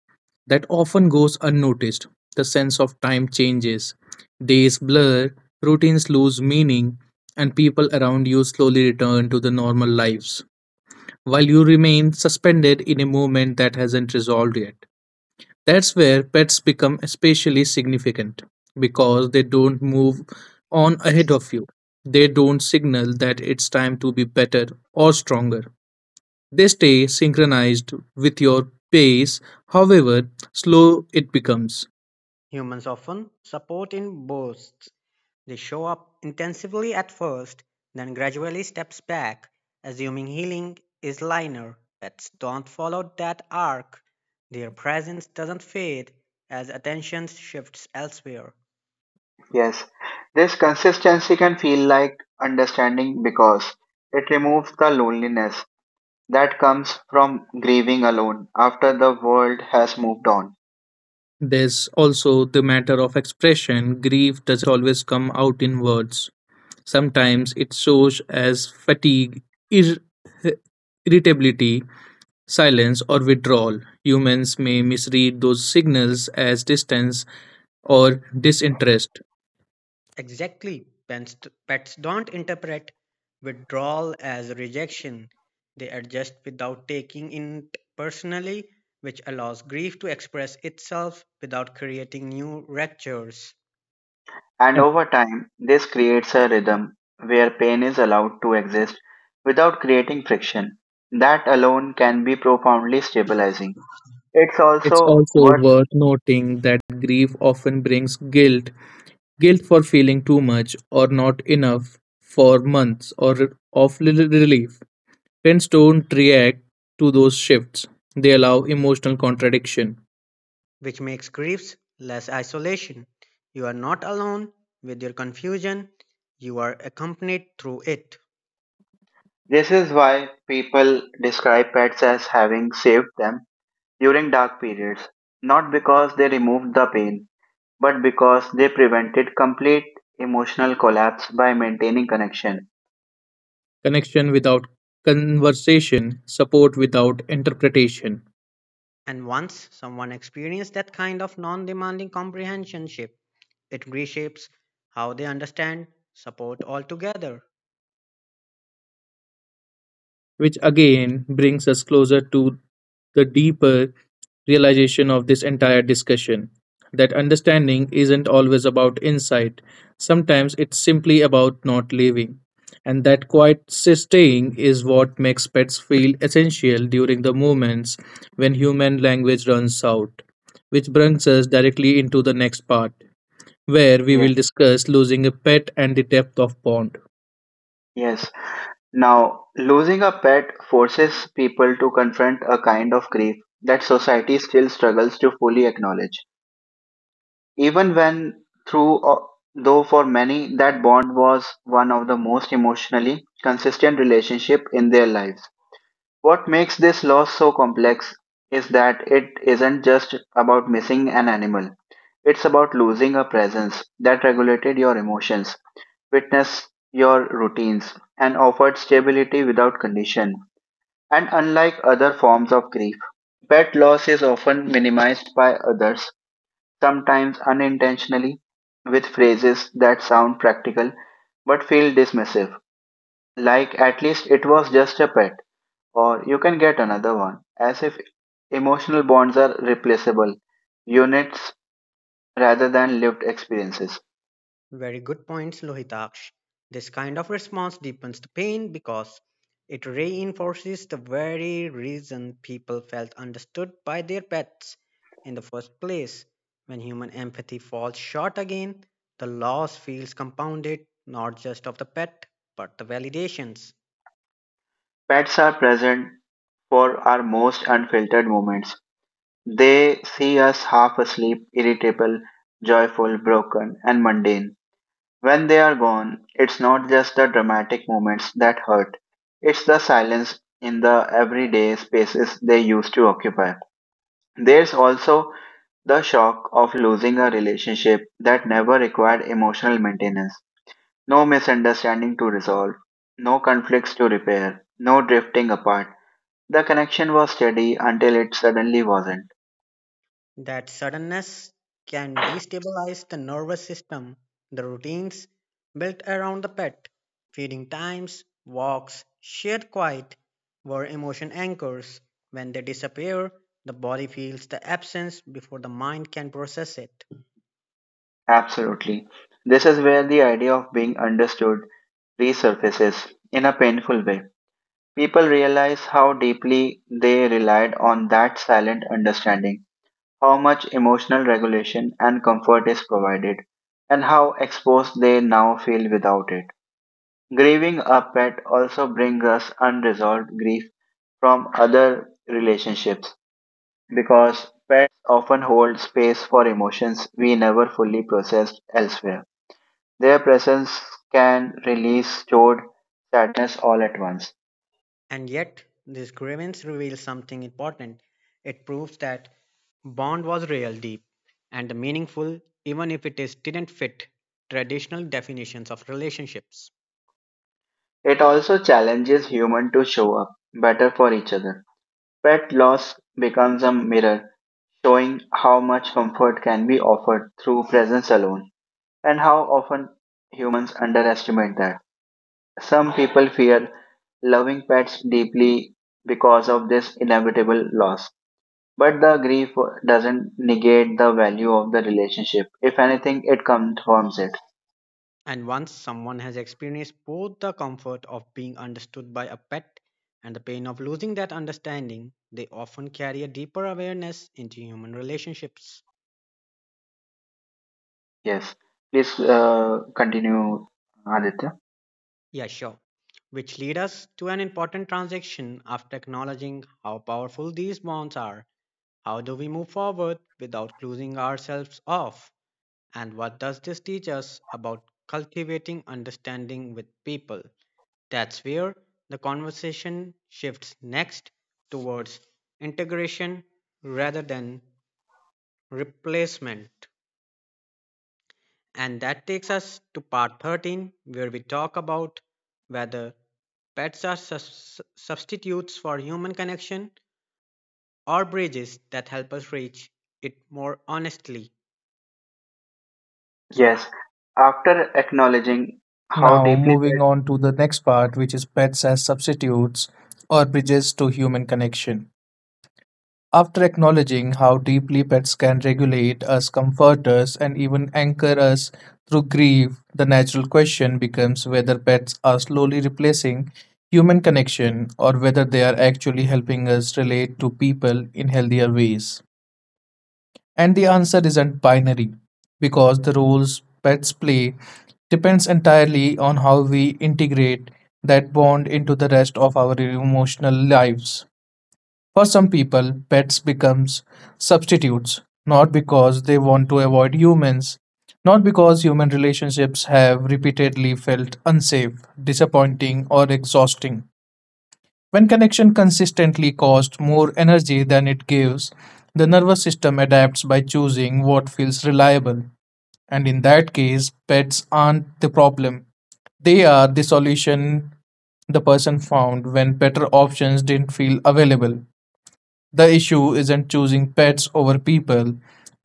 C: that often goes unnoticed. The sense of time changes, days blur, routines lose meaning, and people around you slowly return to the normal lives, while you remain suspended in a movement that hasn't resolved yet. That's where pets become especially significant because they don't move on ahead of you. They don't signal that it's time to be better or stronger. They stay synchronized with your pace, however slow it becomes.
B: Humans often support in bursts. They show up intensively at first, then gradually steps back, assuming healing is linear. Pets don't follow that arc. Their presence doesn't fade as attention shifts elsewhere.
A: Yes, this consistency can feel like understanding because it removes the loneliness that comes from grieving alone after the world has moved on.
C: There's also the matter of expression. Grief doesn't always come out in words. Sometimes it shows as fatigue, ir- irritability, silence, or withdrawal. Humans may misread those signals as distance or disinterest.
B: Exactly. Pets don't interpret withdrawal as rejection. They adjust without taking it personally, which allows grief to express itself without creating new ruptures,
A: And over time, this creates a rhythm where pain is allowed to exist without creating friction. That alone can be profoundly stabilizing. It's
C: It's
A: also
C: also
A: what
C: worth noting that grief often brings guilt. Guilt for feeling too much or not enough for months or of relief. Friends don't react to those shifts. They allow emotional contradiction,
B: which makes griefs less isolation. You are not alone with your confusion, you are accompanied through it.
A: this is why people describe pets as having saved them during dark periods, not because they removed the pain, but because they prevented complete emotional collapse by maintaining connection.
C: connection without conversation, support without interpretation,
B: And once someone experiences that kind of non demanding comprehensionship, it reshapes how they understand support altogether.
C: which again brings us closer to the deeper realization of this entire discussion: that understanding isn't always about insight. Sometimes it's simply about not living. And that quiet staying is what makes pets feel essential during the moments when human language runs out, which brings us directly into the next part, where we
A: Yeah.
C: will discuss losing a pet and the depth of bond.
A: Yes. Now, losing a pet forces people to confront a kind of grief that society still struggles to fully acknowledge. Even through, uh, though for many, that bond was one of the most emotionally consistent relationship in their lives. What makes this loss so complex is that it isn't just about missing an animal. It's about losing a presence that regulated your emotions, witnessed your routines, and offered stability without condition. And unlike other forms of grief, pet loss is often minimized by others, sometimes unintentionally, with phrases that sound practical but feel dismissive, like "at least it was just a pet" or "you can get another one," as if emotional bonds are replaceable units rather than lived experiences.
B: Very good points, Lohitaksh. This kind of response deepens the pain because it reinforces the very reason people felt understood by their pets in the first place. When human empathy falls short again, the loss feels compounded, not just of the pet, but the validations.
A: Pets are present for our most unfiltered moments. They see us half asleep, irritable, joyful, broken, and mundane. When they are gone, it's not just the dramatic moments that hurt, it's the silence in the everyday spaces they used to occupy. There's also the shock of losing a relationship that never required emotional maintenance. No misunderstanding to resolve. No conflicts to repair. No drifting apart. The connection was steady until it suddenly wasn't.
B: That suddenness can destabilize the nervous system. The routines built around the pet, feeding times, walks, shared quiet, were emotion anchors. When they disappear, the body feels the absence before the mind can process it.
A: Absolutely. This is where the idea of being understood resurfaces in a painful way. People realize how deeply they relied on that silent understanding, how much emotional regulation and comfort is provided, and how exposed they now feel without it. Grieving a pet also brings us unresolved grief from other relationships because pets often hold space for emotions we never fully processed elsewhere. Their presence can release stored sadness all at once.
B: And yet, this grievance reveals something important. It proves that bond was real deep and meaningful even if it is didn't fit traditional definitions of relationships.
A: It also challenges humans to show up better for each other. Pet loss becomes a mirror, showing how much comfort can be offered through presence alone and how often humans underestimate that. Some people fear loving pets deeply because of this inevitable loss. But the grief doesn't negate the value of the relationship. If anything, it confirms it.
B: And once someone has experienced both the comfort of being understood by a pet and the pain of losing that understanding, they often carry a deeper awareness into human relationships.
A: Yes. Please continue, Aditya.
B: Yeah, sure. Which lead us to an important transaction. After acknowledging how powerful these bonds are, how do we move forward without closing ourselves off? And what does this teach us about cultivating understanding with people? That's where the conversation shifts next, towards integration rather than replacement. And that takes us to part 13, where we talk about whether pets are substitutes for human connection or bridges that help us reach it more honestly. So,
A: Yes. After acknowledging how
C: Now,
A: deeply pet,
C: moving on to the next part, which is pets as substitutes or bridges to human connection. After acknowledging how deeply pets can regulate us, comfort us, and even anchor us through grief, the natural question becomes whether pets are slowly replacing human connection or whether they are actually helping us relate to people in healthier ways. And the answer isn't binary, because the roles pets play depends entirely on how we integrate that bond into the rest of our emotional lives. For some people, pets becomes substitutes, not because they want to avoid humans, not because human relationships have repeatedly felt unsafe, disappointing, or exhausting. When connection consistently costs more energy than it gives, the nervous system adapts by choosing what feels reliable. And in that case, pets aren't the problem. They are the solution the person found when better options didn't feel available. The issue isn't choosing pets over people,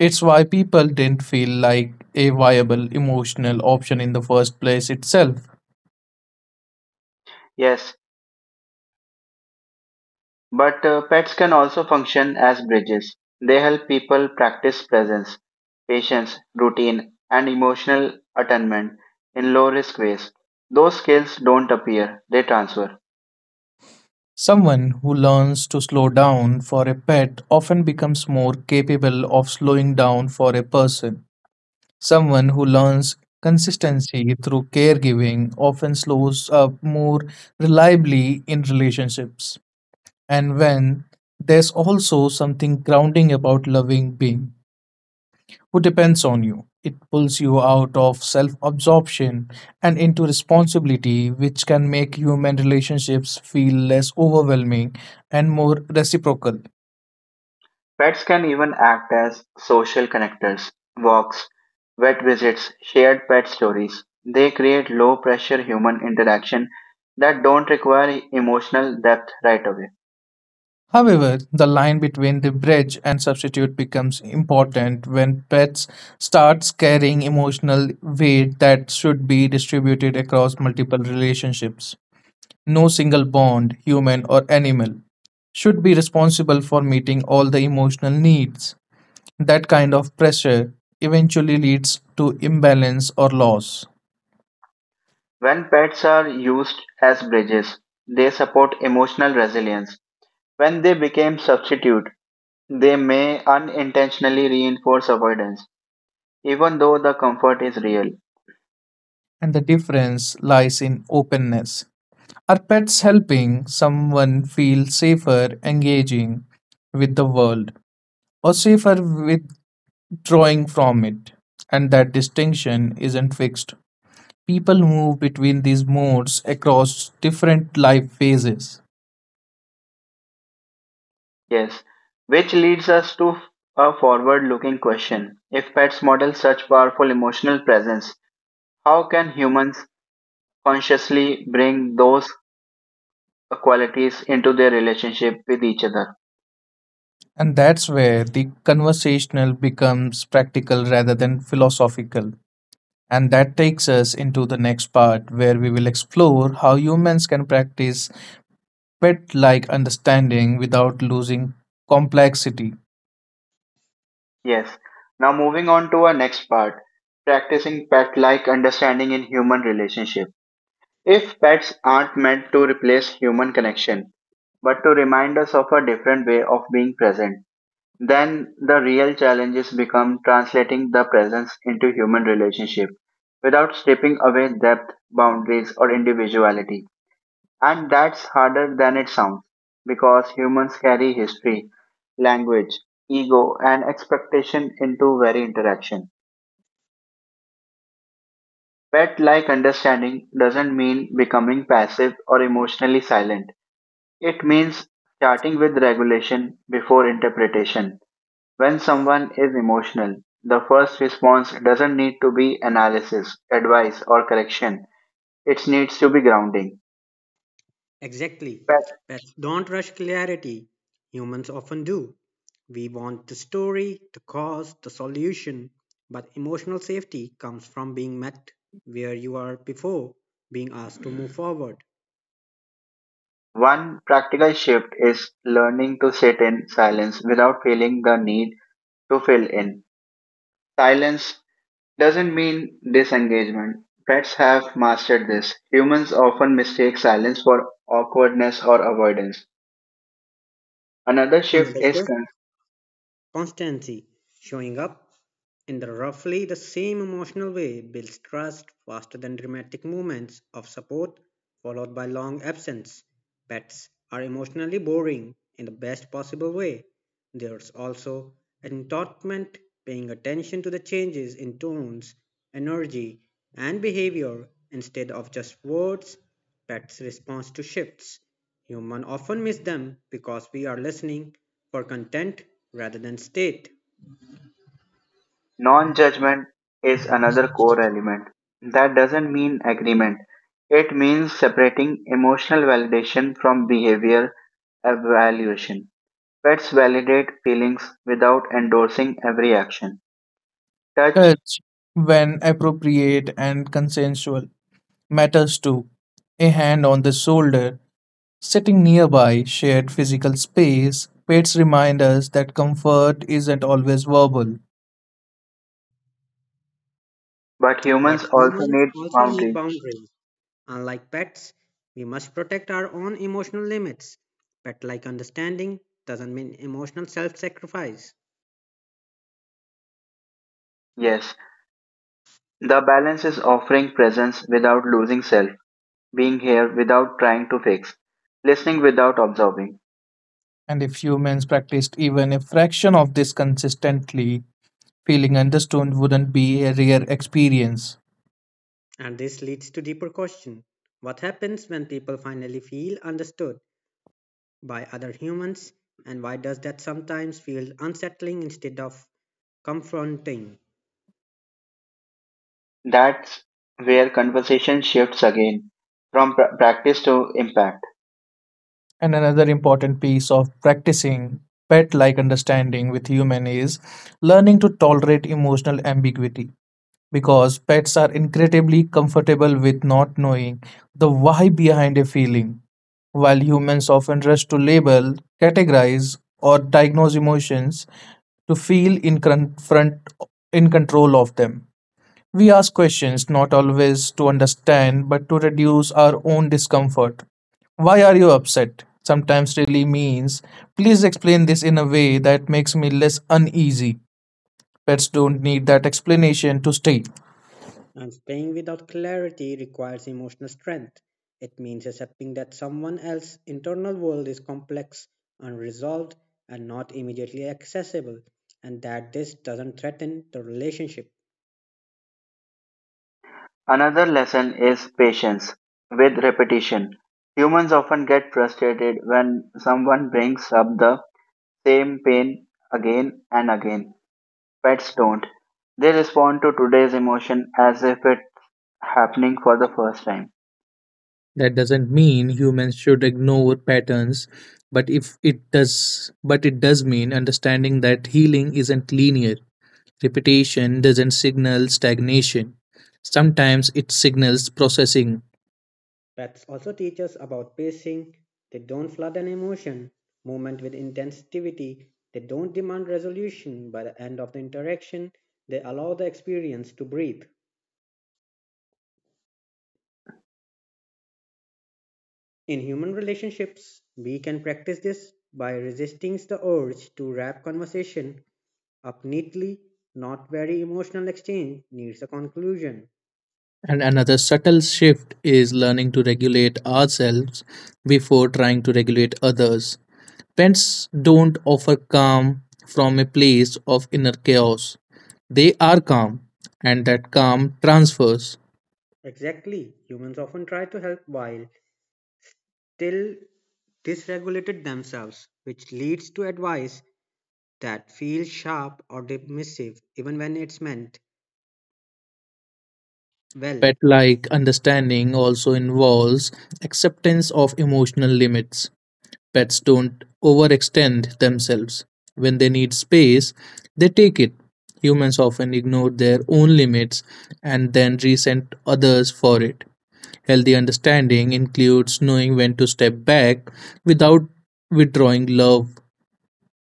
C: it's why people didn't feel like a viable emotional option in the first place itself.
A: yes, But pets can also function as bridges. They help people practice presence, patience, routine, and emotional attunement in low risk ways. Those skills don't appear, they transfer.
C: Someone who learns to slow down for a pet often becomes more capable of slowing down for a person. Someone who learns consistency through caregiving often slows up more reliably in relationships. And when there's also something grounding about loving being who depends on you. It pulls you out of self absorption and into responsibility, which can make human relationships feel less overwhelming and more reciprocal.
A: Pets can even act as social connectors, walks, vet visits, shared pet stories. They create low pressure human interaction that don't require emotional depth right away.
C: However, the line between the bridge and substitute becomes important when pets starts carrying emotional weight that should be distributed across multiple relationships. No single bond, human or animal, should be responsible for meeting all the emotional needs. That kind of pressure eventually leads to imbalance or loss,
A: When pets are used as bridges, they support emotional resilience. When they become substitute, they may unintentionally reinforce avoidance, even though the comfort is real.
C: and the difference lies in openness. Are pets helping someone feel safer engaging with the world or safer withdrawing from it? And that distinction isn't fixed. People move between these modes across different life phases.
A: Yes. Which leads us to a forward looking question. If pets model such powerful emotional presence, how can humans consciously bring those qualities into their relationship with each other?
C: And that's where the conversational becomes practical rather than philosophical. And that takes us into the next part where we will explore how humans can practice pet like understanding without losing complexity.
A: Yes. Now, moving on to our next part, practicing pet like understanding in human relationship. If pets aren't meant to replace human connection, but to remind us of a different way of being present, then the real challenges become translating the presence into human relationship without stripping away depth, boundaries, or individuality. And that's harder than it sounds because humans carry history, language, ego, and expectation into very interaction. Pet like understanding doesn't mean becoming passive or emotionally silent. It means starting with regulation before interpretation. When someone is emotional, the first response doesn't need to be analysis, advice, or correction. It needs to be grounding.
B: exactly.
A: But
B: Pets don't rush clarity. Humans often do. We want the story, the cause, the solution, but emotional safety comes from being met where you are before being asked to move forward.
A: one practical shift is learning to sit in silence without feeling the need to fill in. Silence doesn't mean disengagement. Pets have mastered this. Humans often mistake silence for awkwardness or avoidance. Another shift
B: Another
A: is:
B: shift: constancy, showing up in the roughly the same emotional way, builds trust faster than dramatic moments of support followed by long absence. Pets are emotionally boring in the best possible way. There's also entombment, paying attention to the changes in tones, energy, and behavior instead of just words. Pets respond to shifts. Humans often miss them because we are listening for content rather than state.
A: Non-judgment is another core element. That doesn't mean agreement. It means separating emotional validation from behavior evaluation. Pets validate feelings without endorsing every action. Touch,
C: Touch, when appropriate and consensual, matters too. A hand on the shoulder, sitting nearby, shared physical space, pets remind us that comfort isn't always verbal.
A: but
B: But
A: humans also
B: humans
A: need
B: also need
A: boundaries.
B: boundaries. Unlike pets, we must protect our own emotional limits. Pet like understanding doesn't mean emotional self sacrifice.
A: Yes, the balance is offering presence without losing self, being here without trying to fix, listening without observing.
C: And if humans practiced even a fraction of this consistently, feeling understood wouldn't be a rare experience.
B: And this leads to deeper question. What happens when people finally feel understood by other humans, and why does that sometimes feel unsettling instead of confronting?
A: That's where conversation shifts again from practice to impact.
C: And another important piece of practicing pet like understanding with human is learning to tolerate emotional ambiguity because pets are incredibly comfortable with not knowing the why behind a feeling. While humans often rush to label, categorize, or diagnose emotions to feel in, confront, in control of them. We ask questions not always to understand but to reduce our own discomfort. Why are you upset? Sometimes really means, please explain this in a way that makes me less uneasy. Pets don't need that explanation to stay.
B: And staying without clarity requires emotional strength. It means accepting that someone else's internal world is complex, unresolved, and not immediately accessible, and that this doesn't threaten the relationship.
A: Another lesson is patience with repetition. Humans often get frustrated when someone brings up the same pain again and again. Pets don't. They respond to today's emotion as if it's happening for the first time.
C: That doesn't mean humans should ignore patterns, but if it does, but it does mean understanding that healing isn't linear. Repetition doesn't signal stagnation. Sometimes it signals processing.
B: Pets also teach us about pacing. They don't flood an emotion, movement with intensity. They don't demand resolution by the end of the interaction. They allow the experience to breathe. In human relationships, we can practice this by resisting the urge to wrap conversation up neatly. Not very emotional exchange needs a conclusion.
C: And another subtle shift is learning to regulate ourselves before trying to regulate others. Pets don't offer calm from a place of inner chaos. They are calm, and that calm transfers.
B: Exactly, humans often try to help while still dysregulated themselves, which leads to advice that feels sharp or dismissive even when it's meant well.
C: Pet like understanding also involves acceptance of emotional limits. Pets don't overextend themselves. When they need space, they take it. Humans often ignore their own limits and then resent others for it. Healthy understanding includes knowing when to step back without withdrawing love.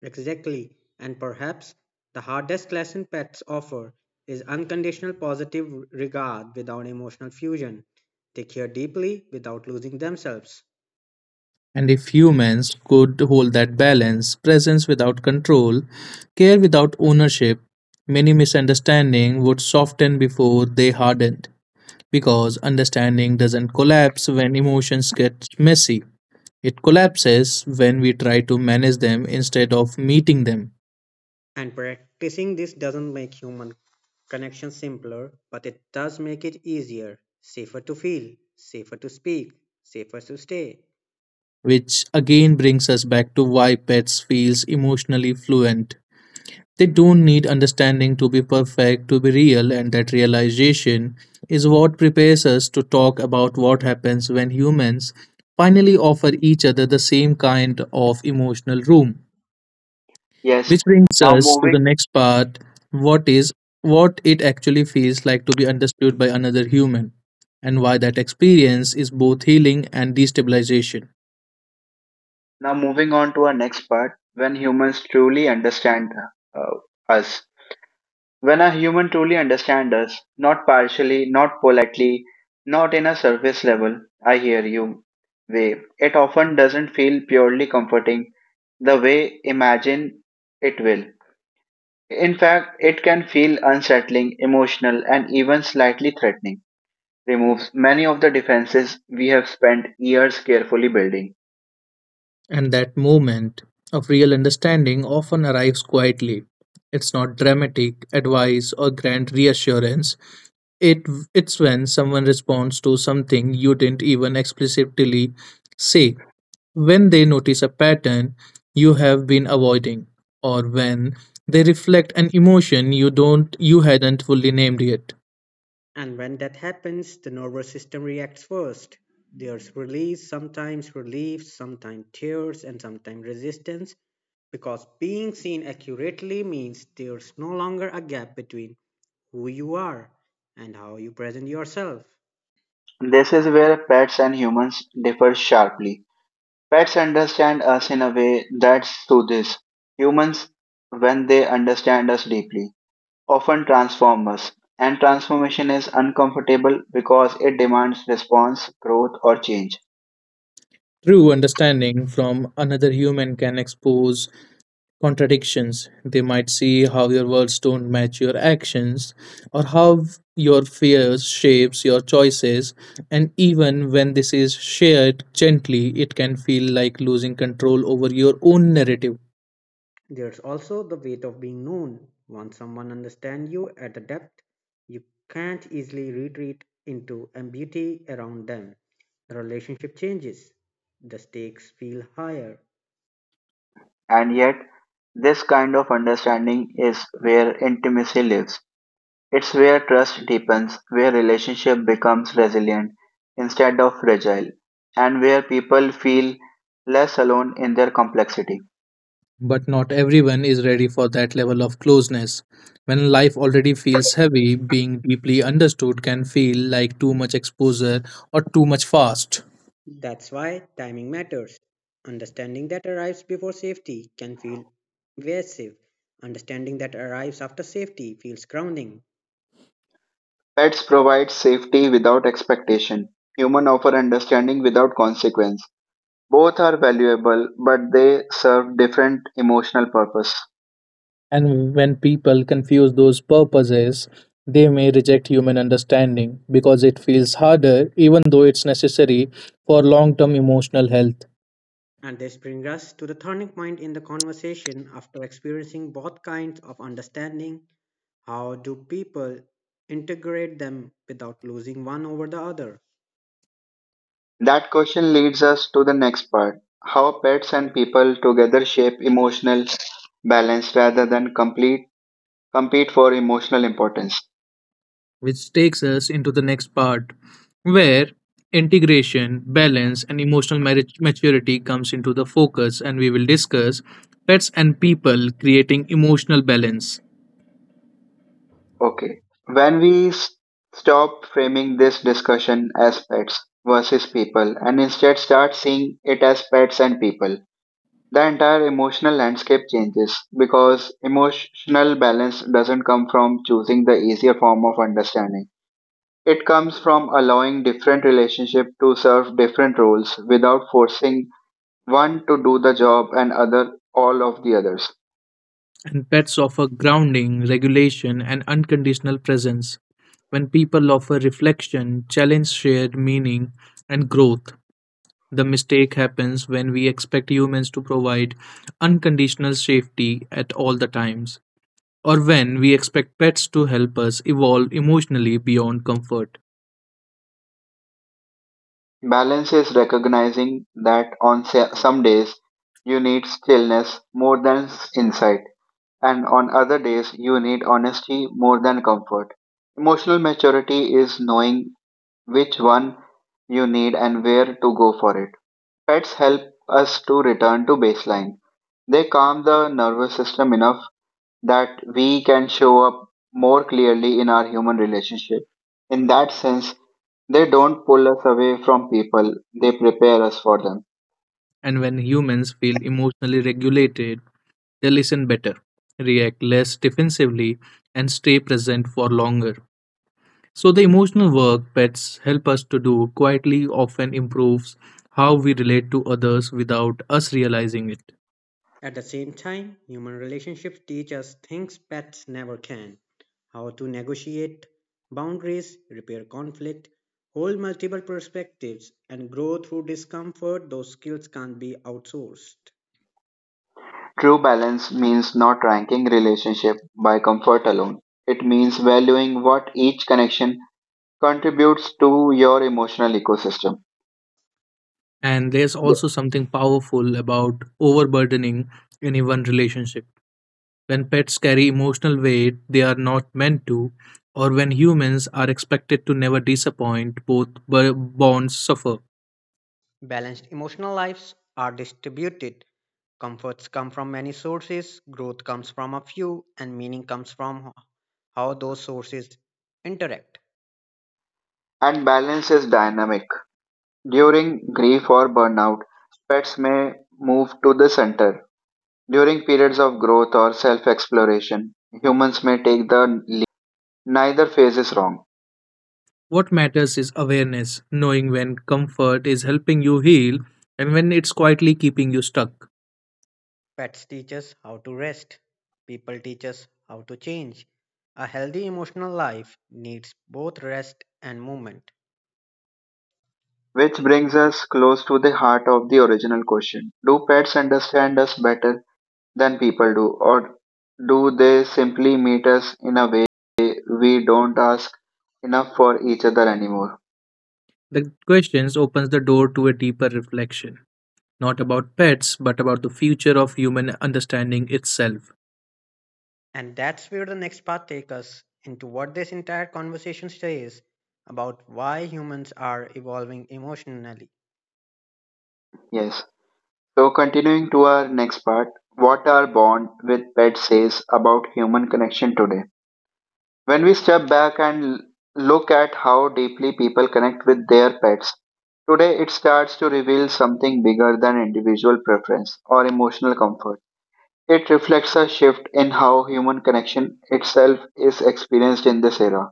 B: Exactly. And perhaps the hardest lesson pets offer is unconditional positive regard without emotional fusion. They care deeply without losing themselves.
C: And if humans could hold that balance, presence without control, care without ownership, many misunderstandings would soften before they hardened, because understanding doesn't collapse when emotions get messy. It collapses when we try to manage them instead of meeting them,
B: And practicing this doesn't make human connection simpler, but it does make it easier, safer to feel, safer to speak, safer to stay.
C: which again brings us back to why pets feels emotionally fluent. They don't need understanding to be perfect to be real, and that realization is what prepares us to talk about what happens when humans finally offer each other the same kind of emotional room.
A: Yes.
C: Which brings
A: Now
C: us to the
A: moving
C: next part, what is what it actually feels like to be understood by another human and why that experience is both healing and destabilization.
A: now moving on to our next part, when humans truly understand uh, us. When a human truly understands us, not partially, not politely, not in a surface level, I hear you way, it often doesn't feel purely comforting the way imagine it will. In fact, it can feel unsettling, emotional, and even slightly threatening. Removes many of the defenses we have spent years carefully building.
C: And that moment of real understanding often arrives quietly. It's not dramatic advice or grand reassurance. It it's when someone responds to something you didn't even explicitly say, when they notice a pattern you have been avoiding, or when they reflect an emotion you hadn't fully named yet.
B: And when that happens, the nervous system reacts first. There's release, sometimes relief, sometimes tears, and sometimes resistance, because being seen accurately means there's no longer a gap between who you are and how you present yourself.
A: This is where pets and humans differ sharply. Pets understand us in a way that soothes. Humans, when they understand us deeply, often transform us, and transformation is uncomfortable because it demands response, growth, or change.
C: True understanding from another human can expose contradictions. They might see how your words don't match your actions or how your fears shapes your choices, and even when this is shared gently, it can feel like losing control over your own narrative.
B: There's also the weight of being known. Once someone understands you at a depth, you can't easily retreat into ambiguity around them. The relationship changes, the stakes feel higher.
A: And yet, this kind of understanding is where intimacy lives. It's where trust deepens, where relationship becomes resilient instead of fragile, and where people feel less alone in their complexity.
C: But not everyone is ready for that level of closeness. When life already feels heavy, being deeply understood can feel like too much exposure or too much fast.
B: That's why timing matters. Understanding that arrives before safety can feel evasive. Understanding that arrives after safety feels grounding.
A: Pets provide safety without expectation. Human offer understanding without consequence. Both are valuable, but they serve different emotional purpose.
C: And when people confuse those purposes, they may reject human understanding because it feels harder, even though it's necessary for long term emotional health.
B: And this brings us to the turning point in the conversation: after experiencing both kinds of understanding, how do people integrate them without losing one over the other?
A: That question leads us to the next part: how pets and people together shape emotional balance rather than complete compete for emotional importance.
C: Which takes us into the next part where integration, balance, and emotional marriage maturity comes into the focus, and we will discuss pets and people creating emotional balance.
A: Okay. When we stop framing this discussion as pets versus people and instead start seeing it as pets and people, the entire emotional landscape changes because emotional balance doesn't come from choosing the easier form of understanding. It comes from allowing different relationships to serve different roles without forcing one to do the job and other all of the others.
C: And pets offer grounding, regulation, and unconditional presence. When people offer reflection, challenge shared meaning, and growth, the mistake happens when we expect humans to provide unconditional safety at all the times, or when we expect pets to help us evolve emotionally beyond comfort.
A: Balance is recognizing that on some days you need stillness more than insight and on other days you need honesty more than comfort. Emotional maturity is knowing which one you need and where to go for it. Pets help us to return to baseline. They calm the nervous system enough that we can show up more clearly in our human relationship. In that sense, they don't pull us away from people, they prepare us for them.
C: And when humans feel emotionally regulated, they listen better, react less defensively, and stay present for longer. So, the emotional work pets help us to do quietly often improves how we relate to others without us realizing it.
B: At the same time, human relationships teach us things pets never can: how to negotiate boundaries, repair conflict, hold multiple perspectives, and grow through discomfort. Those skills can't be outsourced.
A: True balance means not ranking relationship by comfort alone. It means valuing what each connection contributes to your emotional ecosystem.
C: And there's also something powerful about overburdening any one relationship. When pets carry emotional weight they are not meant to, or when humans are expected to never disappoint, both bonds suffer.
B: Balanced emotional lives are distributed. Comforts come from many sources, growth comes from a few, and meaning comes from how those sources interact.
A: And balance is dynamic. During grief or burnout, pets may move to the center. During periods of growth or self exploration, humans may take the lead. Neither phase is wrong.
C: What matters is awareness, knowing when comfort is helping you heal and when it's quietly keeping you stuck.
B: Pets teach us how to rest. People teach us how to change. A healthy emotional life needs both rest and movement.
A: Which brings us close to the heart of the original question: Do pets understand us better than people do? Or do they simply meet us in a way we don't ask enough for each other anymore?
C: The questions opens the door to a deeper reflection, not about pets but about the future of human understanding itself.
B: And that's where the next part takes us, into what this entire conversation says about why humans are evolving emotionally.
A: Yes. So, continuing to our next part, what our bond with pets says about human connection today. When we step back and look at how deeply people connect with their pets today, it starts to reveal something bigger than individual preference or emotional comfort. It reflects a shift in how human connection itself is experienced in this era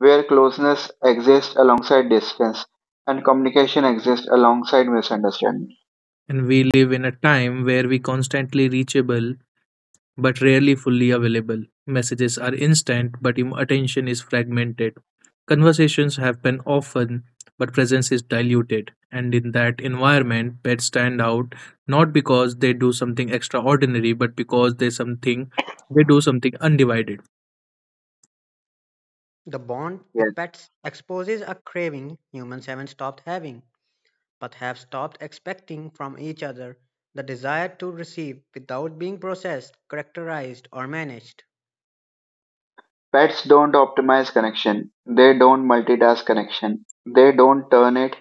A: where closeness exists alongside distance and communication exists alongside misunderstanding.
C: And we live in a time where we constantly reachable but rarely fully available. Messages are instant, but attention is fragmented. Conversations happen often, but presence is diluted. And in that environment, pets stand out not because they do something extraordinary, but because they do something undivided.
B: The bond
A: Yes.
B: with pets exposes a craving humans haven't stopped having, but have stopped expecting from each other: the desire to receive without being processed, characterized, or managed.
A: Pets don't optimize connection, they don't multitask connection, they don't turn it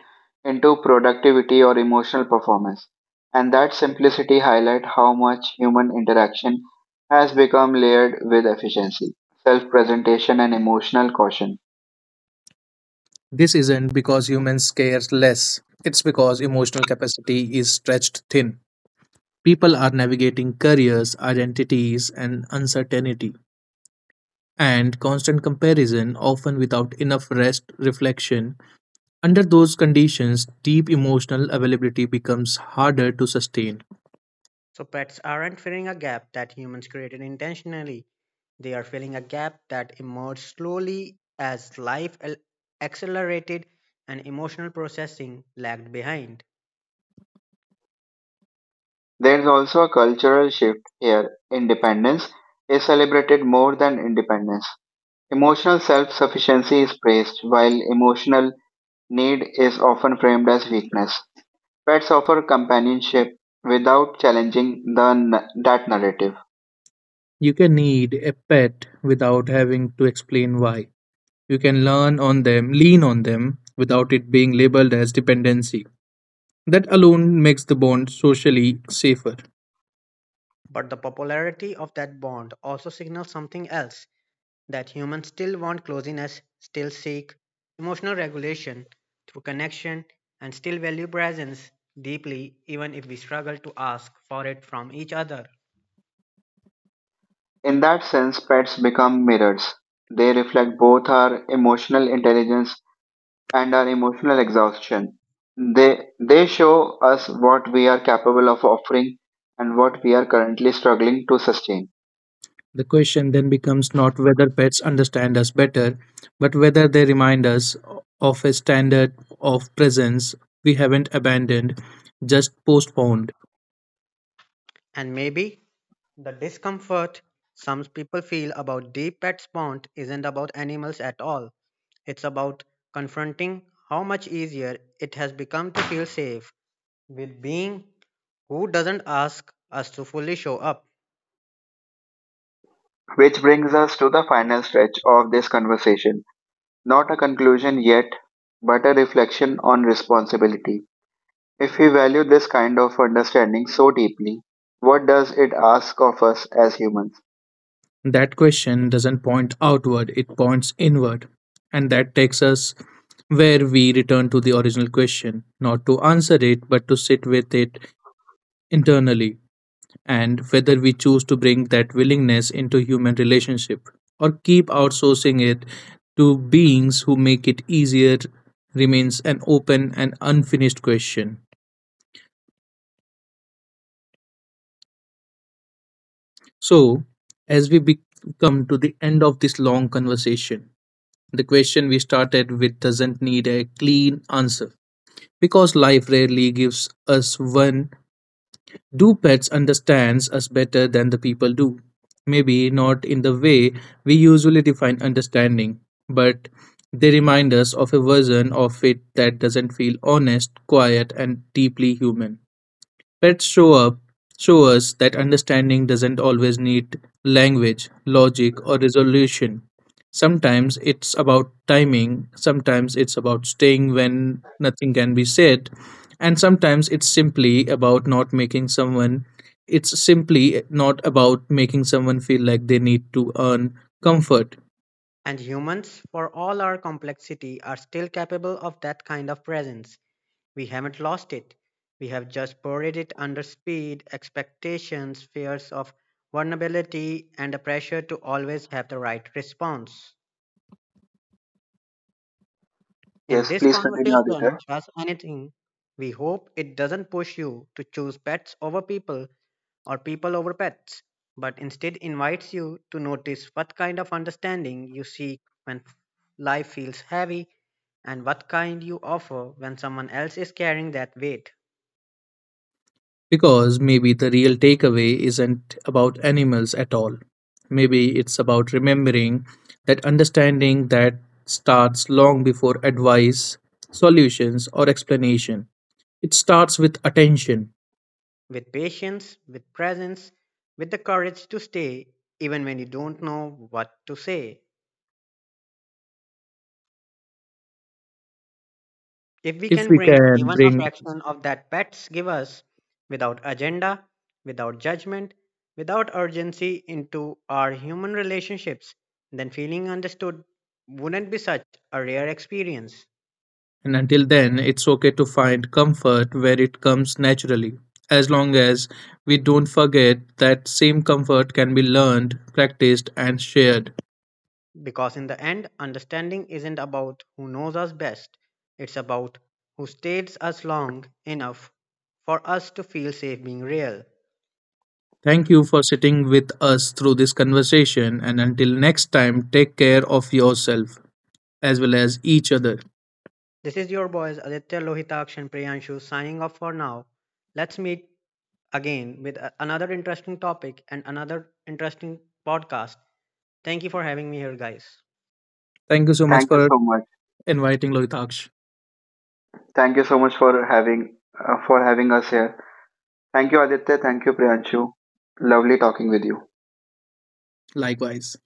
A: into productivity or emotional performance. And that simplicity highlights how much human interaction has become layered with efficiency, self presentation, and emotional caution.
C: This isn't because humans care less. It's because emotional capacity is stretched thin. People are navigating careers, identities, and uncertainty, and constant comparison, often without enough rest, reflection. Under those conditions, deep emotional availability becomes harder to sustain.
B: So pets aren't filling a gap that humans created intentionally. They are filling a gap that emerged slowly as life accelerated and emotional processing lagged behind.
A: There's also a cultural shift here. Independence is celebrated more than independence. Emotional self sufficiency is praised, while emotional need is often framed as weakness. Pets offer companionship without challenging that narrative.
C: You can need a pet without having to explain why. You can lean on them without it being labeled as dependency. That alone makes the bond socially safer.
B: But the popularity of that bond also signals something else: that humans still want closeness, still seek emotional regulation through connection, and still value presence deeply, even if we struggle to ask for it from each other.
A: In that sense, pets become mirrors. They reflect both our emotional intelligence and our emotional exhaustion. They show us what we are capable of offering and what we are currently struggling to sustain.
C: The question then becomes not whether pets understand us better, but whether they remind us of a standard of presence we haven't abandoned, just postponed.
B: And maybe the discomfort some people feel about deep pet pond isn't about animals at all. It's about confronting how much easier it has become to feel safe with being who doesn't ask us to fully show up.
A: Which brings us to the final stretch of this conversation. Not a conclusion yet, but a reflection on responsibility. If we value this kind of understanding so deeply, what does it ask of us as humans?
C: That question doesn't point outward, it points inward. And that takes us where we return to the original question, not to answer it, but to sit with it internally. And whether we choose to bring that willingness into human relationship or keep outsourcing it to beings who make it easier remains an open and unfinished question. So, as we come to the end of this long conversation, the question we started with doesn't need a clean answer because life rarely gives us one. Do pets understand us better than the people do? Maybe not in the way we usually define understanding, but they remind us of a version of it that doesn't feel honest, quiet, and deeply human. Pets show us that understanding doesn't always need language, logic, or resolution. Sometimes it's about timing, sometimes it's about staying when nothing can be said, and sometimes it's simply not about making someone feel like they need to earn comfort.
B: And humans, for all our complexity, are still capable of that kind of presence. We haven't lost it. We have just buried it under speed, expectations, fears of vulnerability, and a pressure to always have the right response. In
A: Yes,
B: this
A: please continue,
B: conversation,
A: Aditya.
B: trust anything. We hope it doesn't push you to choose pets over people or people over pets, but instead invites you to notice what kind of understanding you seek when life feels heavy and what kind you offer when someone else is carrying that weight.
C: Because maybe the real takeaway isn't about animals at all. Maybe it's about remembering that understanding that starts long before advice, solutions, or explanation. It starts with attention.
B: With patience, with presence, with the courage to stay even when you don't know what to say. If we
C: If
B: can
C: we
B: bring
C: can
B: even a
C: bring,
B: fraction of that pets give us, without agenda, without judgment, without urgency, into our human relationships, then feeling understood wouldn't be such a rare experience.
C: and until then, it's okay to find comfort where it comes naturally, as long as we don't forget that same comfort can be learned, practiced, and shared.
B: Because in the end, understanding isn't about who knows us best, it's about who stays us long enough for us to feel safe being real.
C: Thank you for sitting with us through this conversation. And until next time, take care of yourself as well as each other.
B: This is your boys Aditya Lohitakshan and Priyanshu signing off for now. Let's meet again with another interesting topic and another interesting podcast. Thank you for having me here, guys.
C: Thank you so much
A: Thank you
C: for
A: so much.
C: inviting Lohitaksh.
A: Thank you so much for having us here. Thank you, Aditya. Thank you, Priyanshu. Lovely talking with you.
C: Likewise.